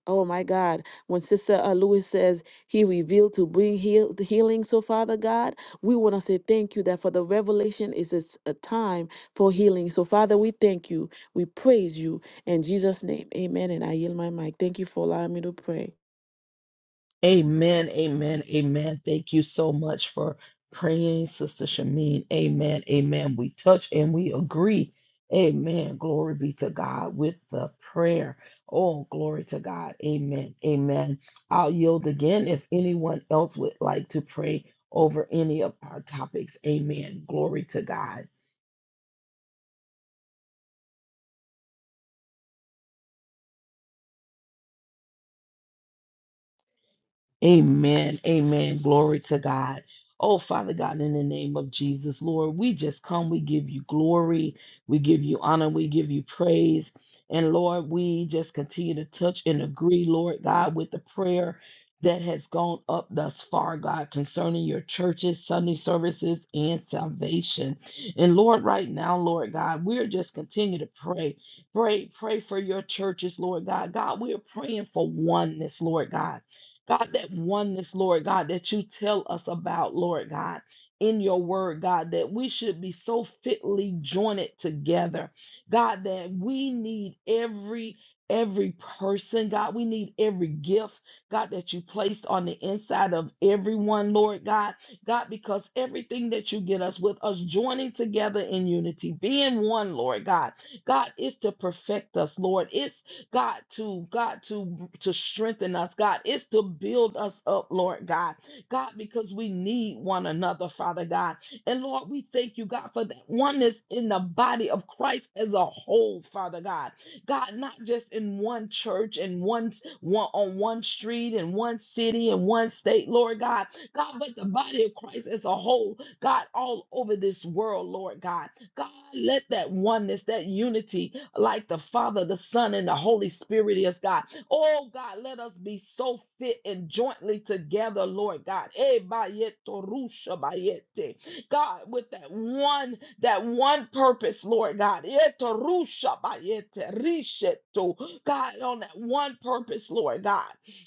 Speaker 2: Oh my God. When Sister uh, Lewis says he revealed to bring heal- healing, so Father God, we want to say thank you that for the revelation is it's a time for healing. So Father, we thank you. We praise you. In Jesus' name, amen. And I yield my mic. Thank you for allowing me to pray.
Speaker 1: Amen. Amen. Amen. Thank you so much for praying, Sister Shamin. Amen. Amen. We touch and we agree. Amen. Glory be to God with the prayer. Oh, glory to God. Amen. Amen. I'll yield again if anyone else would like to pray over any of our topics. Amen. Glory to God. Amen. Amen. Glory to God. Oh, Father God, in the name of Jesus, Lord, we just come. We give you glory. We give you honor. We give you praise. And Lord, we just continue to touch and agree, Lord God, with the prayer that has gone up thus far, God, concerning your churches, Sunday services, and salvation. And Lord, right now, Lord God, we're just continue to pray. Pray, pray for your churches, Lord God. God, we're praying for oneness, Lord God. God, that oneness, Lord God, that you tell us about, Lord God, in your word, God, that we should be so fitly joined together. God, that we need every every person god we need every gift god that you placed on the inside of everyone lord god god because everything that you get us with us joining together in unity being one lord god god is to perfect us lord it's God, to God, to to strengthen us, God. It's to build us up, Lord God. God, because we need one another, Father God. And Lord, we thank you, God, for that oneness in the body of Christ as a whole, Father God. God, not just in one church and one, one on one street and one city and one state, Lord God, God, but the body of Christ as a whole, God, all over this world, Lord God. God, let that oneness, that unity, like the Father, the Son, and the Holy Spirit is, God. Oh, God, let us be so fit and jointly together, Lord God. Eh, bayet, torusha, bayete. God, with that one, that one purpose, Lord God. Yetarushabayeterishetu. God, on that one purpose, Lord God.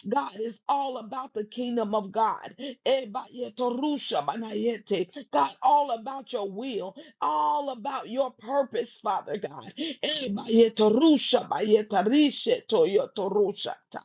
Speaker 1: God is all about the kingdom of God. Ebayetarushabanayete. God, all about your will, all about your purpose, Father God. Ebayetarushabayetarishetu yotorushata.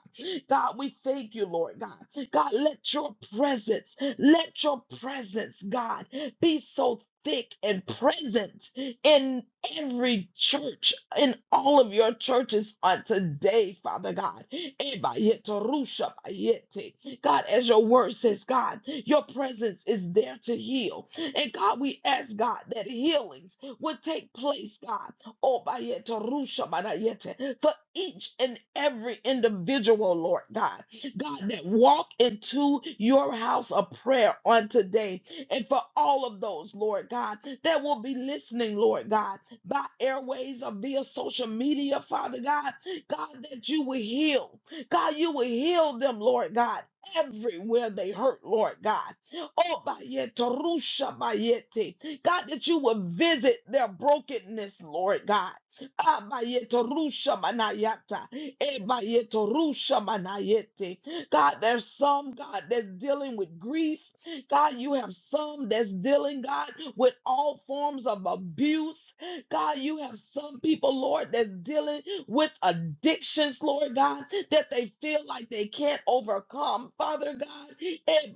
Speaker 1: God, we thank you, Lord God. God, let your presence, let your presence, God be so thick and present in every church, in all of your churches on today, Father God. Ebayetorusha bayete. God, as your word says, God, your presence is there to heal. And God, we ask God that healings would take place, God. Oh, bayete, rusha, banayete, for each and every individual, Lord God, God, that walk into your house of prayer on today. And for all of those, Lord God, that will be listening, Lord God, by airways or via social media, Father God, God, that you will heal. God, you will heal them, Lord God, everywhere they hurt, Lord God. Oh, bayete, rusha bayete. God, that you will visit their brokenness, Lord God. Ah, bayete, rusha manayata. Eh, bayete, rusha manayete. God, there's some, God, that's dealing with grief. God, you have some that's dealing, God, with all forms of abuse. God, you have some people, Lord, that's dealing with addictions, Lord God, that they feel like they can't overcome. Father God, eh,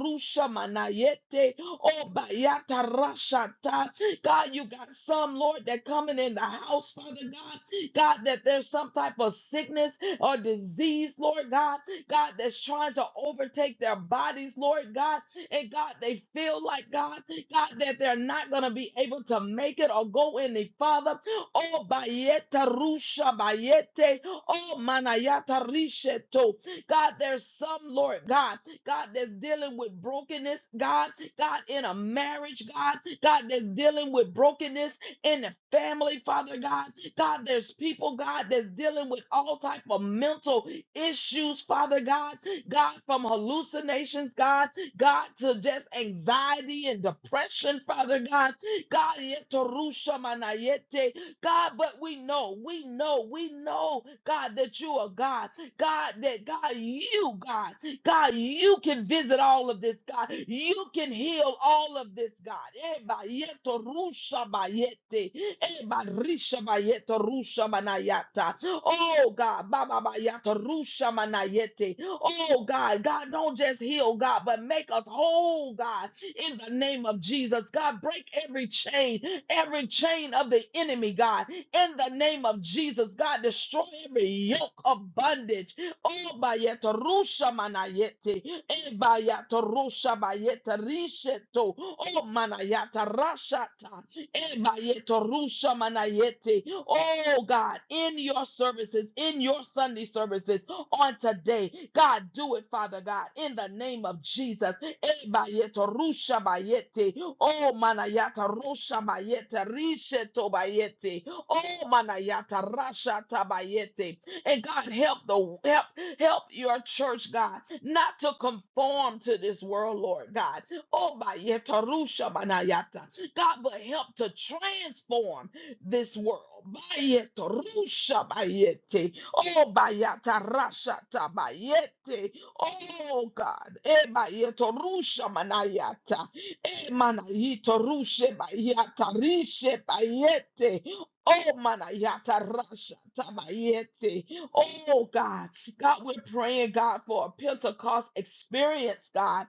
Speaker 1: rusha manayete, oh, rashata. God, you got some, Lord, that coming in the house, Father God. God, that there's some type of sickness or disease, Lord God. God, that's trying to overtake their bodies, Lord God. And God, they feel like God God, that they're not going to be able to make it or go any farther. Oh, bayeta rusha bayete. Oh, manayata risheto. God, there's some, Lord God, God that's dealing with brokenness, God, God in a marriage, God, God that's dealing with brokenness in the family, Father God, God, there's people, God, that's dealing with all type of mental issues, Father God, God, from hallucinations, God, God, to just anxiety and depression, Father God. God, yetorusha manayete. God, but we know, we know, we know, God, that you are God. God, that God, you, God. God, you can visit all of this, God. You can heal all of this, God. Eba yeto rusha bayete. Eba risha bayeto rusha manayata. Oh, God. Baba bayato rusha manayete. Oh, God. God, don't just heal, God, but make us whole, God, in the name of Jesus. God, break every chain, every chain of the enemy, God, in the name of Jesus. God, destroy every yoke of bondage. Obayeta rusha manayete. Ebayata rusha bayeta risheto. O manayata rashata. Ebayeta rusha manayete. Oh God, in your services, in your Sunday services on today, God, do it, Father God, in the name of Jesus. Ebayeta rusha bayete. Oh manayata rusha bayete risheto bayete. Oh manayata rashata bayete. And God, help the help help your church, God, not to conform to this world, Lord God. Oh, by yetarusha banayata. God, but help to transform this world. Bayetarusha bayete. Oh, bayatarashata bayete. Oh, God. Eh, bayetarusha manayata. Eh, manayitarushe bayatarishe bayete. Oh, manayata rasha tabayete. Oh, God. God, we're praying, God, for a Pentecost experience, God.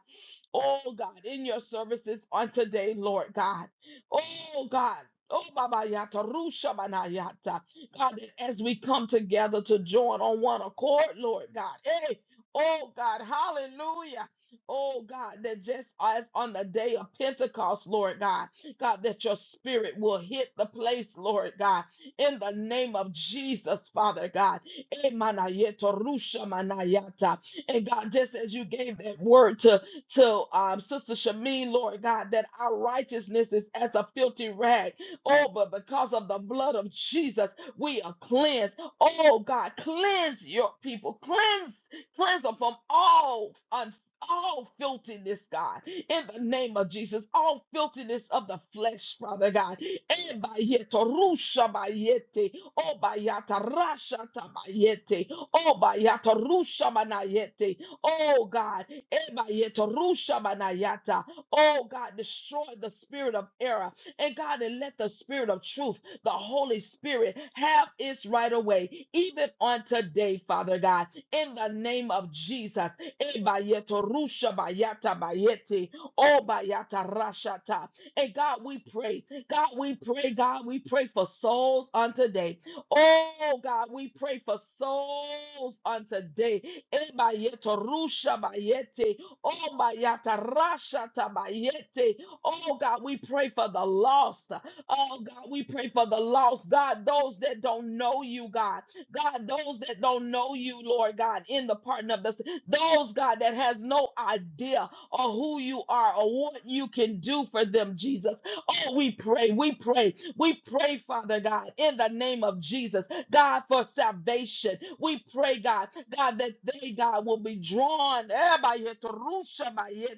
Speaker 1: Oh, God, in your services on today, Lord God. Oh, God. Oh, Baba Yata, Rusha Bana Yata. God, that as we come together to join on one accord, Lord God. Hey, oh, God, hallelujah. Oh, God, that just as on the day of Pentecost, Lord God, God, that your spirit will hit the place, Lord God, in the name of Jesus, Father God. Emanayeto rusha manayata. And God, just as you gave that word to, to um, Sister Shamin, Lord God, that our righteousness is as a filthy rag. Oh, but because of the blood of Jesus, we are cleansed. Oh, God, cleanse your people. Cleanse, cleanse them from all un- all filthiness, God, in the name of Jesus, all filthiness of the flesh, Father God. Eh, bayete, rusha bayete. O Obayata rasha tabayete. Obayata rusha manayete. Oh God. E Ebayeta rusha manayata. Oh God, destroy the spirit of error. And God, and let the spirit of truth, the Holy Spirit, have its right away, even on today, Father God, in the name of Jesus. E Ebayeto rusha bayata bayete. Obayata rashata. And God, we pray. God, we pray. God, we pray for souls on today. Oh God, we pray for souls on today. Ebayeto rusha bayete. Oh bayata rasha tabayete. Oh God, we pray for the lost. Oh God, we pray for the lost. God, those that don't know you, God. God, those that don't know you, Lord God, in the pardon of this. Those, God, that has no idea of who you are or what you can do for them, Jesus. Oh, we pray, we pray, we pray, Father God, in the name of Jesus, God, for salvation. We pray, God, God, that they, God, will be drawn. eh, by your terusha, by your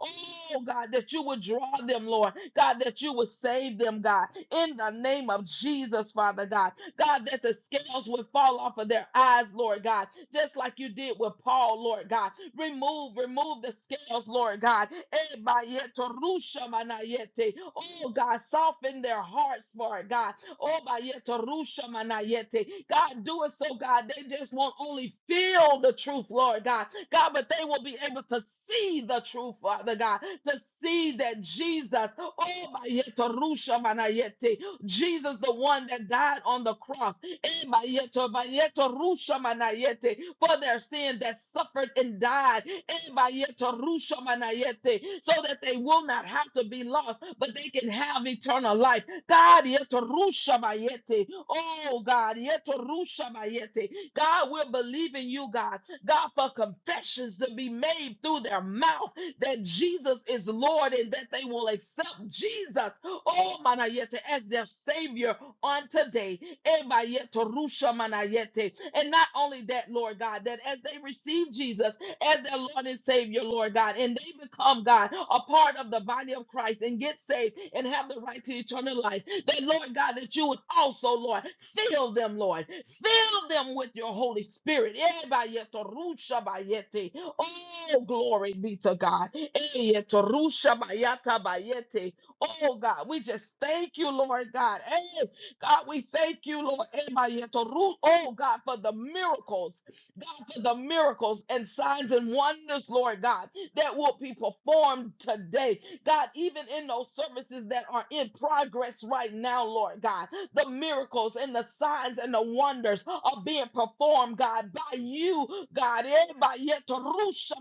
Speaker 1: Oh, God, that you would draw them, Lord. God, that you would save them, God, in the name of Jesus, Father God. God, that the scales would fall off of their eyes, Lord God, just like you did with Paul, Lord God. Remove, remove the scales, Lord God. Ebayeto rusha manayete. Oh God, soften their hearts, Lord God. Oh bayeto rusha manayete. God, do it so God. They just won't only feel the truth, Lord God. God, but they will be able to see the truth, Father God. To see that Jesus, oh bayeto rusha manayete. Jesus, the one that died on the cross. Emayeto, mayeto, rusha manayete, For their sin that suffered and died. Emayeto, rusha manayete, So that they will not have to be lost, but they can have eternal life. God, yeto, rusha mayete. oh God, yeto, rusha mayete. God, we're believing you, God. God, for confessions to be made through their mouth that Jesus is Lord and that they will accept Jesus Oh, manayete, as their savior on today. Ebayete, rusha manayete. And not only that, Lord God, that as they receive Jesus as their Lord and Savior, Lord God, and they become, God, a part of the body of Christ and get saved and have the right to eternal life, that, Lord God, that you would also, Lord, fill them, Lord, fill them with your Holy Spirit. Ebayete, rusha bayete. Oh, glory be to God. Eyeto, rusha bayata bayete. Oh God, we just thank you, Lord God. Hey, God, we thank you, Lord. Emayetoru- Oh God, for the miracles, God, for the miracles and signs and wonders, Lord God that will be performed today. God, even in those services that are in progress right now, Lord God, the miracles and the signs and the wonders are being performed, God, by you, God, eh, by yet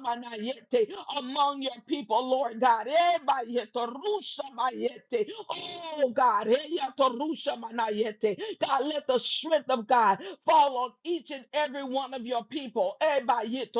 Speaker 1: manayete, among your people, Lord God. eh, by yet Oh, God, eh, yet manayete. God, let the strength of God fall on each and every one of your people. eh, by yet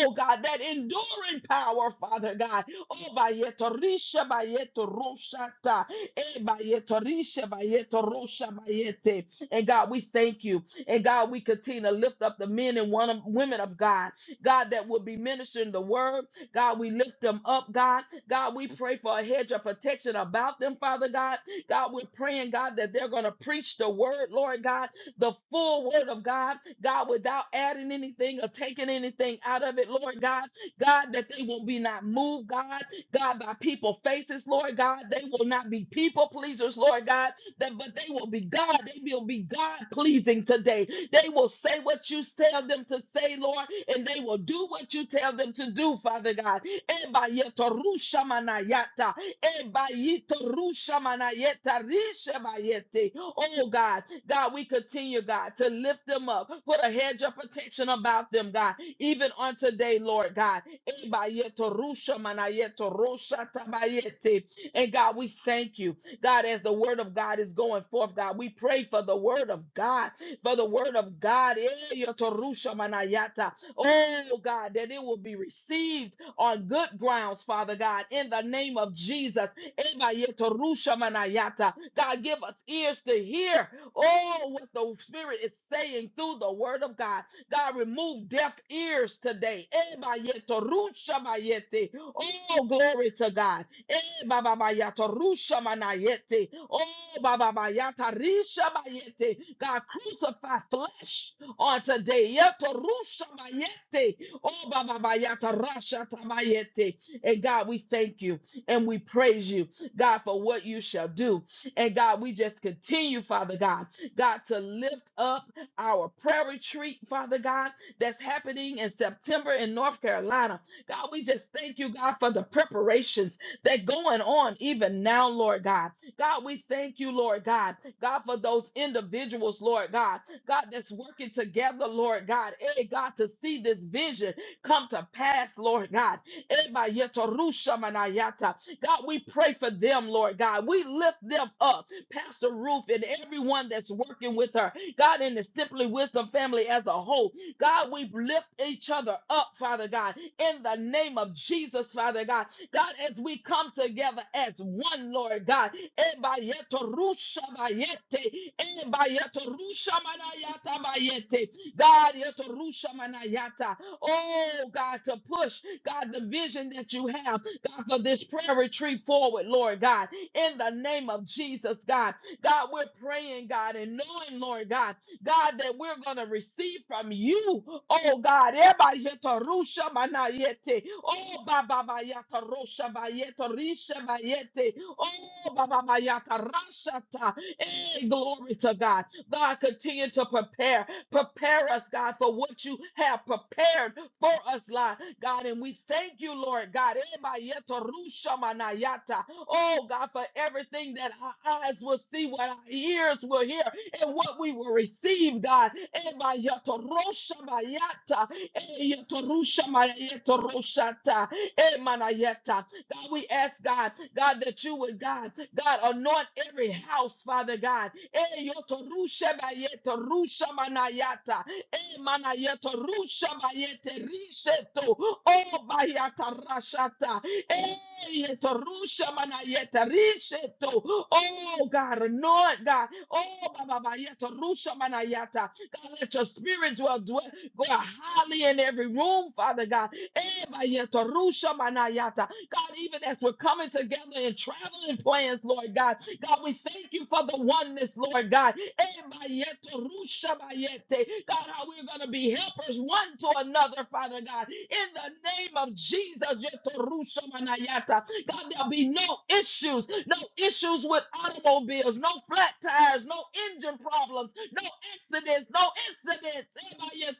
Speaker 1: Oh God, that enduring power, Father God. Oh bayetorisha bayetoroshata. Eh bayetorisha bayetorosha bayete. And God, we thank you. And God, we continue to lift up the men and one women of God. God, that will be ministering the word. God, we lift them up, God. God, we pray for a hedge of protection about them, Father God. God, we're praying, God, that they're going to preach the word, Lord God the full word of God, God, without adding anything or taking anything out of it, Lord God, God, that they will be not moved, God, God, by people faces, Lord God, they will not be people pleasers, Lord God, that, but they will be God. They will be God pleasing today. They will say what you tell them to say, Lord, and they will do what you tell them to do, Father God. Ebayetorushamanayata, ebayitorushamanayeta, rishabayete. Oh God, God, we continue, God, to lift them up. Put a hedge of protection about them, God, even on today, Lord God. Ebayetorushamayetorosha tabayete. And God, we thank you. God, as the word of God is going forth, God, we pray for the word of God, for the word of God. Eh, yotorusha manayata. Oh, God, that it will be received on good grounds, Father God, in the name of Jesus. Eba yotorusha manayata. God, give us ears to hear, oh, what the Spirit is saying through the word of God. God, remove deaf ears today. Eba yotorusha mayete. Oh, glory to God. Eh, Baba Bayata, Rusha Manayete. Oh, Baba Bayata, Risha Bayete. God, crucify flesh on today. Yeto Rusha Bayete. Oh, Baba Bayata, Rasha Tabayete. And God, we thank you and we praise you, God, for what you shall do. And God, we just continue, Father God, God, to lift up our prayer retreat, Father God, that's happening in September in North Carolina. God, we just thank you, God, for the preparations that going on even now, Lord God. God, we thank you, Lord God. God, for those individuals, Lord God. God, that's working together, Lord God. Hey, God, to see this vision come to pass, Lord God. Eh, ba yeto rusha manayata. God, we pray for them, Lord God. We lift them up, Pastor Ruth and everyone that's working with her. God, in the Simply Wisdom family as a whole. God, we lift each other up, Father God, in the name of Jesus, Father God. God, as we come together as one, Lord God. Ebayeto rusha bayete. Ebayeto rusha manayata bayete. God, yeto rusha manayata. Oh, God, to push, God, the vision that you have, God, for this prayer retreat forward, Lord God. In the name of Jesus, God. God, we're praying, God, and knowing, Lord God. God, that we're going to receive from you. Oh, God. Eba yeto rusha manayete. Oh, Baba Bayata Rosha Bayeto Risha Bayete. Oh, Baba Bayata Rashata. Hey, glory to God. God, continue to prepare. Prepare us, God, for what you have prepared for us, Lord. God, and we thank you, Lord God. Eba yeto rusha manayata. Oh, God, for everything that our eyes will see, what our ears will hear, and what we will receive, God. Emayotoroshmayata, eyotorushamayetoroshata, emanayeta. God, we ask God, God, that you would, God, God, anoint every house, Father God. Eyotorushamayetorushmanayata, emanayetorushmayeterisheto, obayatarashata, Hey, Torusha mana yeta rishe to. Oh God, anoint God. Oh Baba ba yeta rusha mana yata. God, let your spirit dwell, dwell go highly in every room, Father God. Ebayeta, rusha manayata. God, even as we're coming together in traveling plans, Lord God, God, we thank you for the oneness, Lord God. Ebayeta, rusha bayete. God, how we're going to be helpers one to another, Father God. In the name of Jesus, yeta, rusha manayata. God, there'll be no issues, no issues with automobiles, no flat tires, no engine problems, no accidents, no incidents.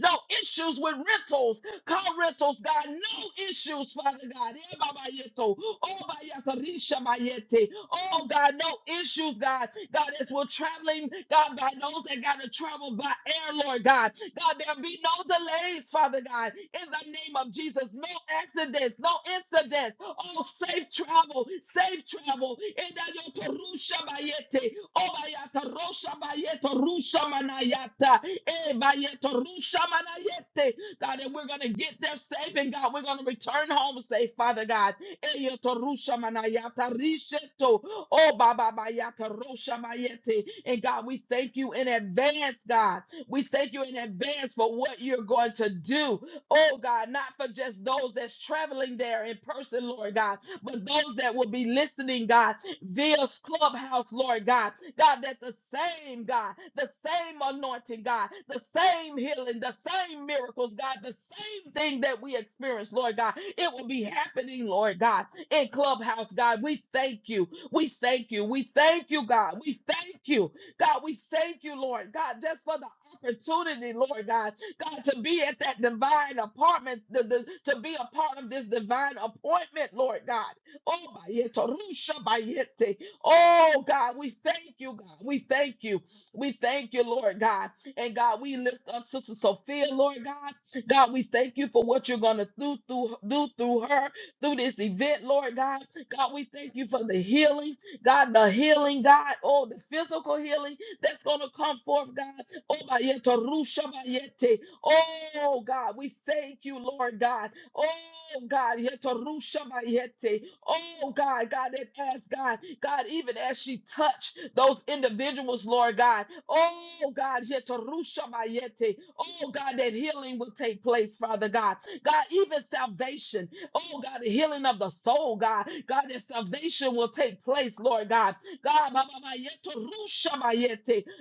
Speaker 1: No issues with rentals. Car rentals, God, no issues, Father God. Eh, Baba Yeto. Oh, Bayata, Risha Bayete. Oh, God, no issues, God. God, as we're traveling, God, by those that got to travel by air, Lord God. God, there'll be no delays, Father God, in the name of Jesus. No accidents, no incidents. Oh, safe travel, safe travel. Eh, da yeto Rusha Bayete. Oh, Bayata, Rosha Bayeto, Rusha Manayata. Eh, Bayeto, Rusha Manayete. God, that we're going to get there safe and God, we're going to return home safe, Father God. Eyotorusha manayata risheto. Oh, Baba Bayata Rosha Mayete. And God, we thank you in advance, God. We thank you in advance for what you're going to do. Oh God, not for just those that's traveling there in person, Lord God, but those that will be listening, God, via Clubhouse, Lord God. God, that's the same God, the same anointing, God, the same healing, the same miracles, God, the same thing that we experience, Lord God. It will be happening, Lord God, in Clubhouse, God. We thank you. We thank you. We thank you, God. We thank you. God, we thank you, Lord. God, just for the opportunity, Lord God, God, to be at that divine apartment, the, the, to be a part of this divine appointment, Lord God. Oh, bayete, rusha bayete. oh God, we thank you, God. We thank you. We thank you, Lord God. And God, we lift up Sister Sophia, Lord God. God, we thank you for what you're going to do through, do through her, through this event, Lord God. God, we thank you for the healing, God, the healing, God, oh, the physical healing that's going to come forth, God. Obayeta rushabayete. Oh God, we thank you, Lord God. Oh God, yeta rushabayete. Oh God, God, and as God, God, even as she touched those individuals, Lord God. Oh God, yeta rushabayete. Oh God, that healing will take place, Father God. God, even salvation. Oh God, the healing of the soul, God. God, that salvation will take place, Lord God. God, ba- ba- ba- yeto rusha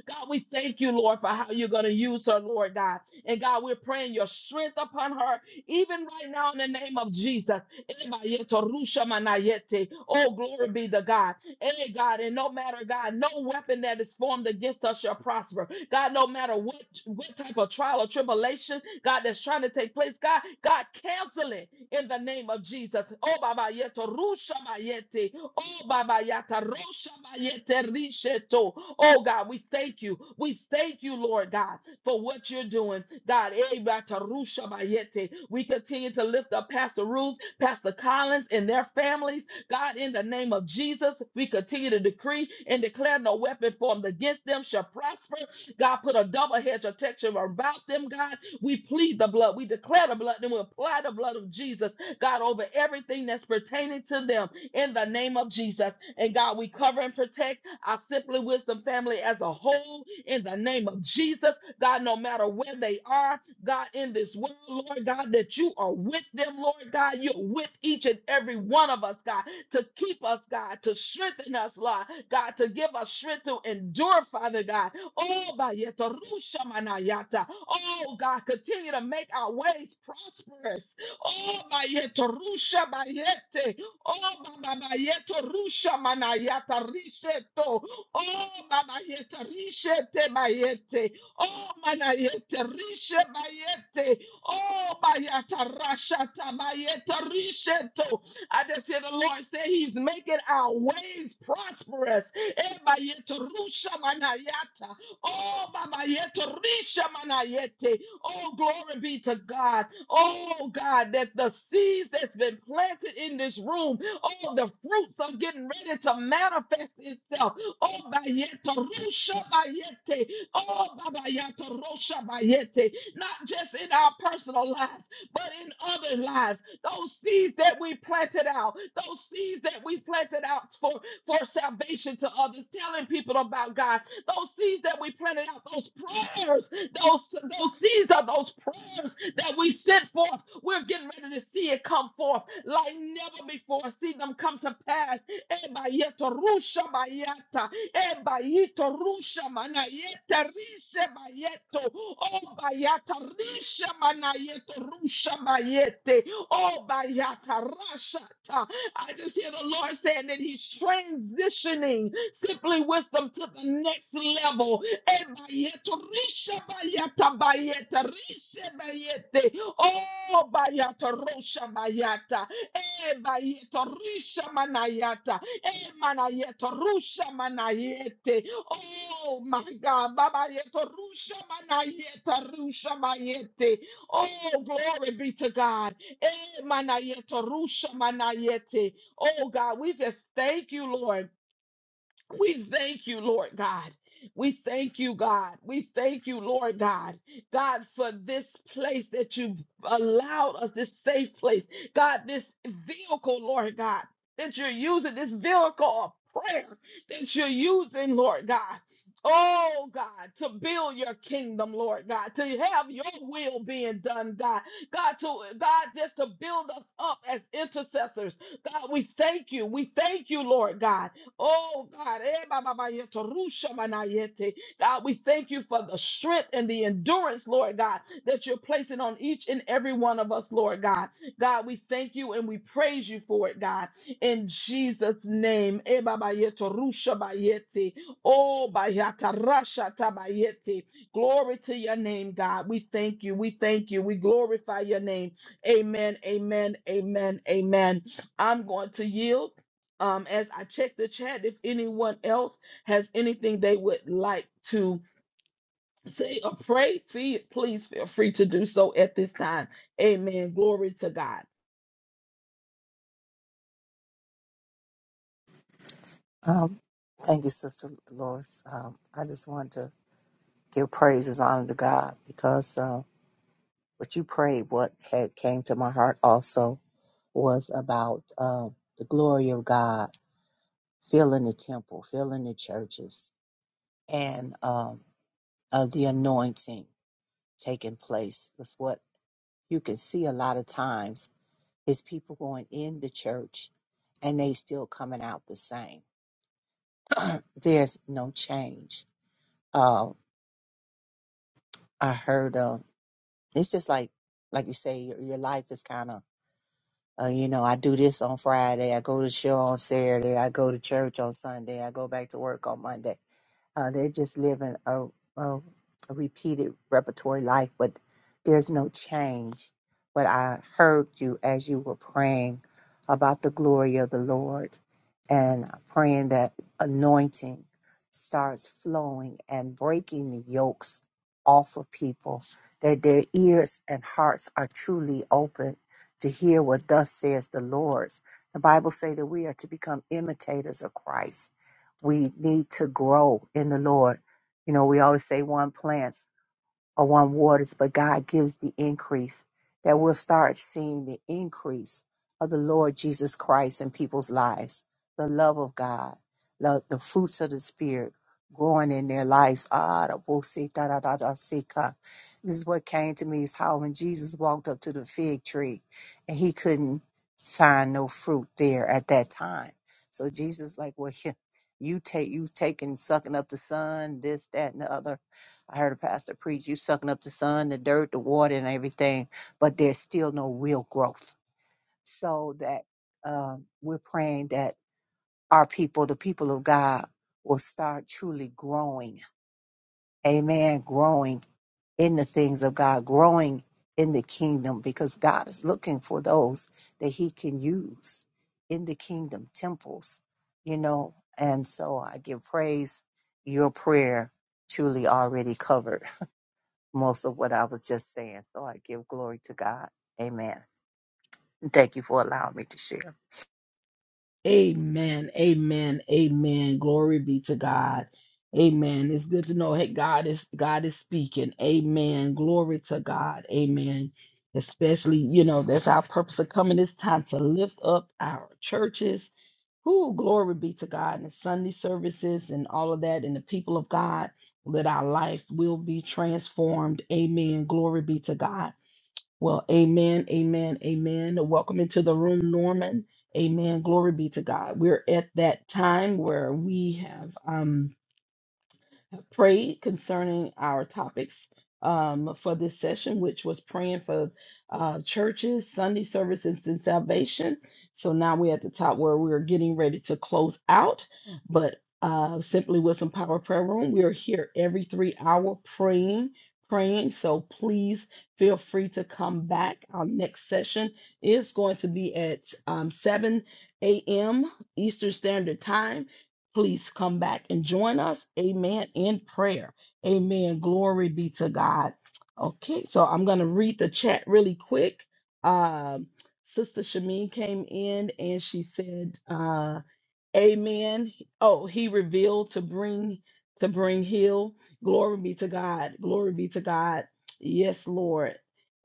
Speaker 1: God, we thank you, Lord, for how you're going to use her, Lord God. And God, we're praying your strength upon her, even right now in the name of Jesus. Oh, glory be to God. Hey, God, and no matter, God, no weapon that is formed against us shall prosper. God, no matter what, what type of trial or tribulation, God, that's trying to take place, God, God, cancel it in the name of Jesus. Oh, Baba Yeto rusha bayete. Oh, Baba Yata, Rosha Bayete Risheto. Oh, God, we thank you. We thank you, Lord God, for what you're doing. God, eh, Bata Rusha Bayete. we continue to lift up Pastor Ruth, Pastor Collins, and their families. God, in the name of Jesus, we continue to decree and declare no weapon formed against them shall prosper. God, put a double hedge of protection about them, God. We plead the blood. We declare the blood and we apply the blood of Jesus, God, over everything that's pertaining to them in the name of Jesus. And God, we cover and protect our Simply Wisdom family as a whole in the name of Jesus. God, no matter where they are, God, in this world, Lord God, that you are with them, Lord God. You're with each and every one of us, God, to keep us, God, to strengthen us, Lord, God, to give us strength to endure, Father God. Oh, bayeta rusha manayata. oh God, continue to make our ways prosperous. Oh, bayeta rusha bayete. Oh, Baba Yeto Rusha Manayata Risheto. Oh, Baba Yeta Rishete Bayete. Oh, Manayete Rishe Bayete. Oh, Bayata Rashata Bayeta Risheto. I just hear the Lord say He's making our ways prosperous. Eh, Bayeta Rusha Manayata. Oh, Baba Yeto Risha Manayete. Oh, glory be to God. Oh God, that the seeds that's been planted in this room, oh, the fruits are getting ready to manifest itself. Oh, bayeto, rusha bayete. Oh, babayato, rosha bayete. Not just in our personal lives, but in other lives. Those seeds that we planted out, those seeds that we planted out for, for salvation to others, telling people about God, those seeds that we planted out, those prayers, those, those seeds are those prayers that we sent forth. We're getting ready to see it come forth like never before. See them come to pass. Oh Oh I just hear the Lord saying that He's transitioning simply wisdom to the next level. Ebayeto, rishabayata, bayeta, rishabayete, Oh, bayata, rosha, ebayeto, rishamanayata, emanayeto, rushamanayete. Oh, my God. babayeto, rushamanayeta, rushamayete. Oh, glory be to God. Eh, manayete, rusha manayete. Oh God, we just thank you, Lord. We thank you, Lord God. We thank you, God. We thank you, Lord God. God, for this place that you allowed us, this safe place. God, this vehicle, Lord God, that you're using, this vehicle of prayer that you're using, Lord God. Oh, God, to build your kingdom, Lord God, to have your will being done, God. God, to God, just to build us up as intercessors. God, we thank you. We thank you, Lord God. Oh God, eh, ba, ba, ba, yeto, rusha, manayete. God, we thank you for the strength and the endurance, Lord God, that you're placing on each and every one of us, Lord God. God, we thank you and we praise you for it, God. In Jesus' name. eh, ba, ba, yeto, rusha, ba, yete. Oh, ba, yata, rasha, ta, ba, yete. glory to your name, God. We thank you. We thank you. We glorify your name. Amen. Amen. Amen. Amen. I'm going to yield um, as I check the chat, if anyone else has anything they would like to say or pray, fe- please feel free to do so at this time. Amen. Glory to God.
Speaker 3: Um, thank you, Sister Lois. Um, I just wanted to give praises, and honor to God because uh, what you prayed, what had came to my heart also was about uh, the glory of God filling the temple, filling the churches, and um, uh, the anointing taking place. That's what you can see a lot of times is people going in the church and they still coming out the same. There's no change. Uh, I heard. Uh, It's just like, like you say, your, your life is kind of, uh, you know, I do this on Friday, I go to show on Saturday, I go to church on Sunday, I go back to work on Monday. Uh, they just live in a, a a repeated repertory life, but there's no change. But I heard you as you were praying about the glory of the Lord and praying that anointing starts flowing and breaking the yokes off of people, that their ears and hearts are truly open to hear what thus says the Lord. The Bible say that we are to become imitators of Christ we need to grow in the Lord. You know, we always say one plant or one waters, but God gives the increase, that we'll start seeing the increase of the Lord Jesus Christ in people's lives, the love of God, the, the fruits of the Spirit growing in their lives. Ah, da bo se da da da da se ka. This is what came to me is how when Jesus walked up to the fig tree and he couldn't find no fruit there at that time. So Jesus like, well, [laughs] you you take you taking sucking up the sun, this, that, and the other I heard a pastor preach, you sucking up the sun, the dirt, the water, and everything, but there's still no real growth. So that uh, we're praying that our people, the people of God, will start truly growing. Amen. Growing in the things of God, growing in the kingdom, because God is looking for those that He can use in the kingdom temples, you know. And so I give praise. Your prayer truly already covered most of what I was just saying. So I give glory to God. Amen. And thank you for allowing me to share.
Speaker 1: Amen. Amen. Amen. Glory be to God. Amen. It's good to know hey God is God is speaking. Amen. Glory to God. Amen. Especially, you know, that's our purpose of coming this time to lift up our churches. Who glory be to God and Sunday services and all of that and the people of God that our life will be transformed. Amen. Glory be to God. Well, amen, amen, amen. Welcome into the room, Norman. Amen. Glory be to God. We're at that time where we have um have prayed concerning our topics um, for this session, which was praying for uh, churches, Sunday services, and salvation. So now we're at the top where we're getting ready to close out. But uh, Simply Wisdom Power Prayer Room, we are here every three hour praying, praying. So please feel free to come back. Our next session is going to be at um, 7 a.m. Eastern Standard Time please come back and join us. Amen. In prayer. Amen. Glory be to God. Okay, so I'm going to read the chat really quick. Um, Sister Shamin came in and she said, uh, Amen. Oh, he revealed to bring to bring heal. Glory be to God. Glory be to God. Yes, Lord.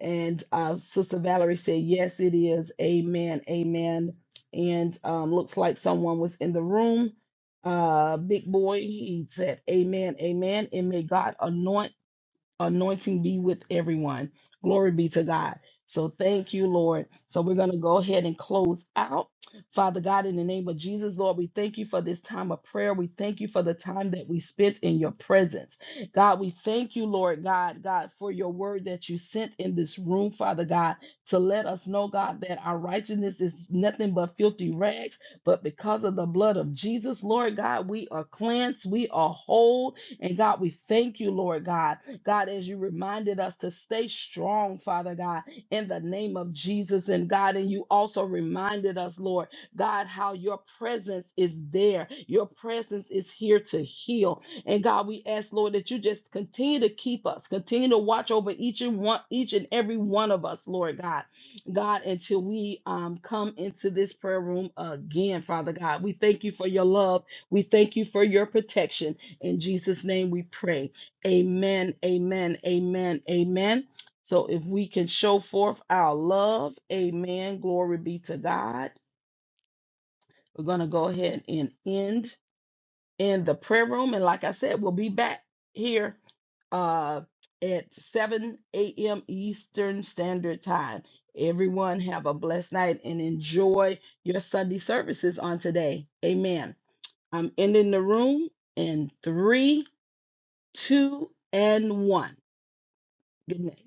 Speaker 1: And uh, Sister Valerie said, "Yes, it is." Amen. Amen. And um, looks like someone was in the room. Uh, big boy. He said, "Amen. Amen." And may God anoint anointing be with everyone. Glory be to God. So thank you, Lord. So we're going to go ahead and close out. Father God, in the name of Jesus, Lord, we thank you for this time of prayer. We thank you for the time that we spent in your presence. God, we thank you, Lord God, God, for your word that you sent in this room, Father God, to let us know, God, that our righteousness is nothing but filthy rags. But because of the blood of Jesus, Lord God, we are cleansed, we are whole. And God, we thank you, Lord God. God, as you reminded us to stay strong, Father God, in the name of Jesus. And God, and you also reminded us, Lord, God, how your presence is there. Your presence is here to heal. And God, we ask, Lord, that you just continue to keep us, continue to watch over each and one, each and every one of us, Lord God. God, until we um, come into this prayer room again, Father God. We thank you for your love. We thank you for your protection. In Jesus' name we pray. Amen, amen, amen, amen. So if we can show forth our love, amen, glory be to God. We're going to go ahead and end in the prayer room. And like I said, we'll be back here uh, at 7 a.m. Eastern Standard Time. Everyone have a blessed night and enjoy your Sunday services on today. Amen. I'm ending the room in three, two, and one. Good night.